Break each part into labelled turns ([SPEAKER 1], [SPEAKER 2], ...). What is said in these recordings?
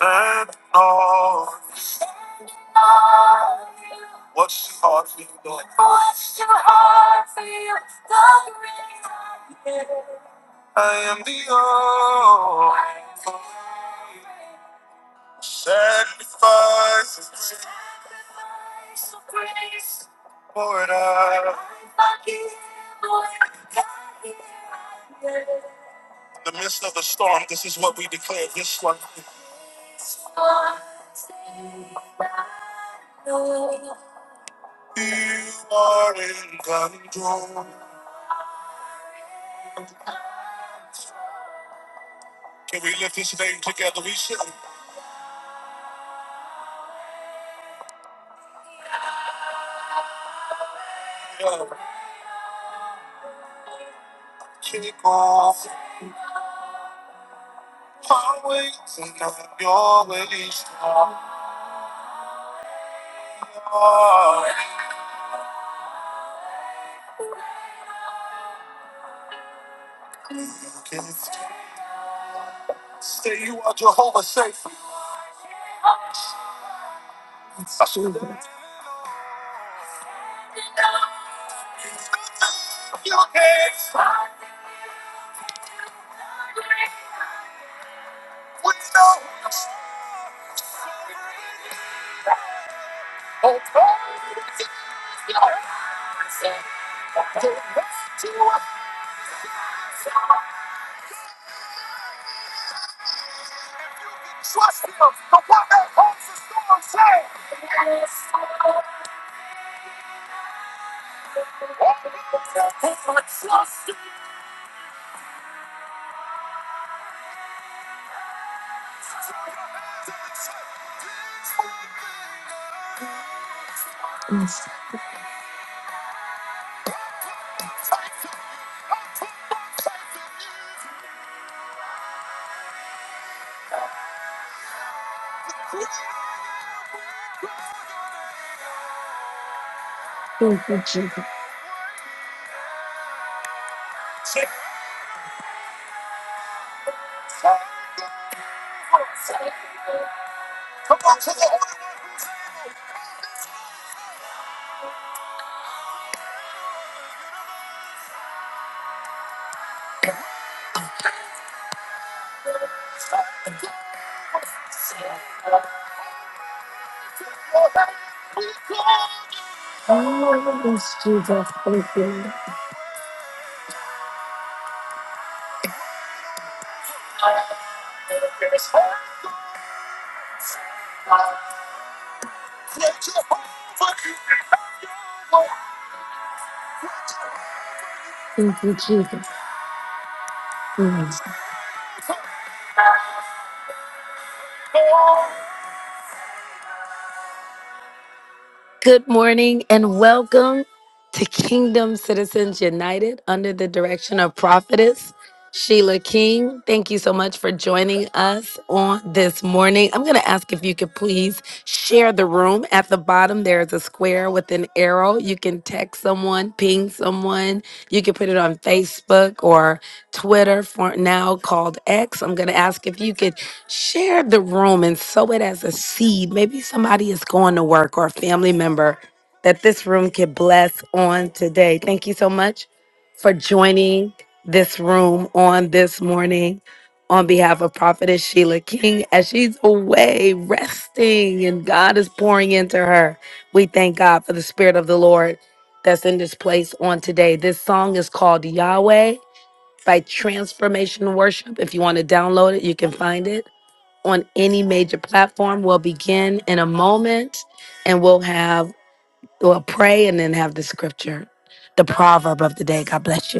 [SPEAKER 1] I'm all what she taught me. Lord. I am the all sacrifice for it. In The midst of the storm, this is what we declare this one. You are in control. Can we lift this name together? We should uh, kick off our ways and not your ways. Lord. You can Say you are Jehovah safe. Your hands like we know. Oh, God, it's your hands. The rest you are. Trust him. The one that holds the storm safe. Yes, Oh, Trust him. Come on to the Holy Ghost. Oh, yes, Jesus, thank you. Thank you, Jesus. Good morning and welcome to Kingdom Citizens United under the direction of Prophetess. Sheila King, thank you so much for joining us on this morning. I'm going to ask if you could please share the room. At the bottom, there is a square with an arrow. You can text someone, ping someone. You can put it on Facebook or Twitter for now called X. I'm going to ask if you could share the room and sow it as a seed. Maybe somebody is going to work or a family member that this room could bless on today. Thank you so much for joining this room on this morning on behalf of Prophetess Sheila King as she's away resting and God is pouring into her. We thank God for the Spirit of the Lord that's in this place on today. This song is called Yahweh by Transformation Worship. If you want to download it, you can find it on any major platform. We'll begin in a moment and we'll have, we'll pray and then have the scripture, the proverb of the day. God bless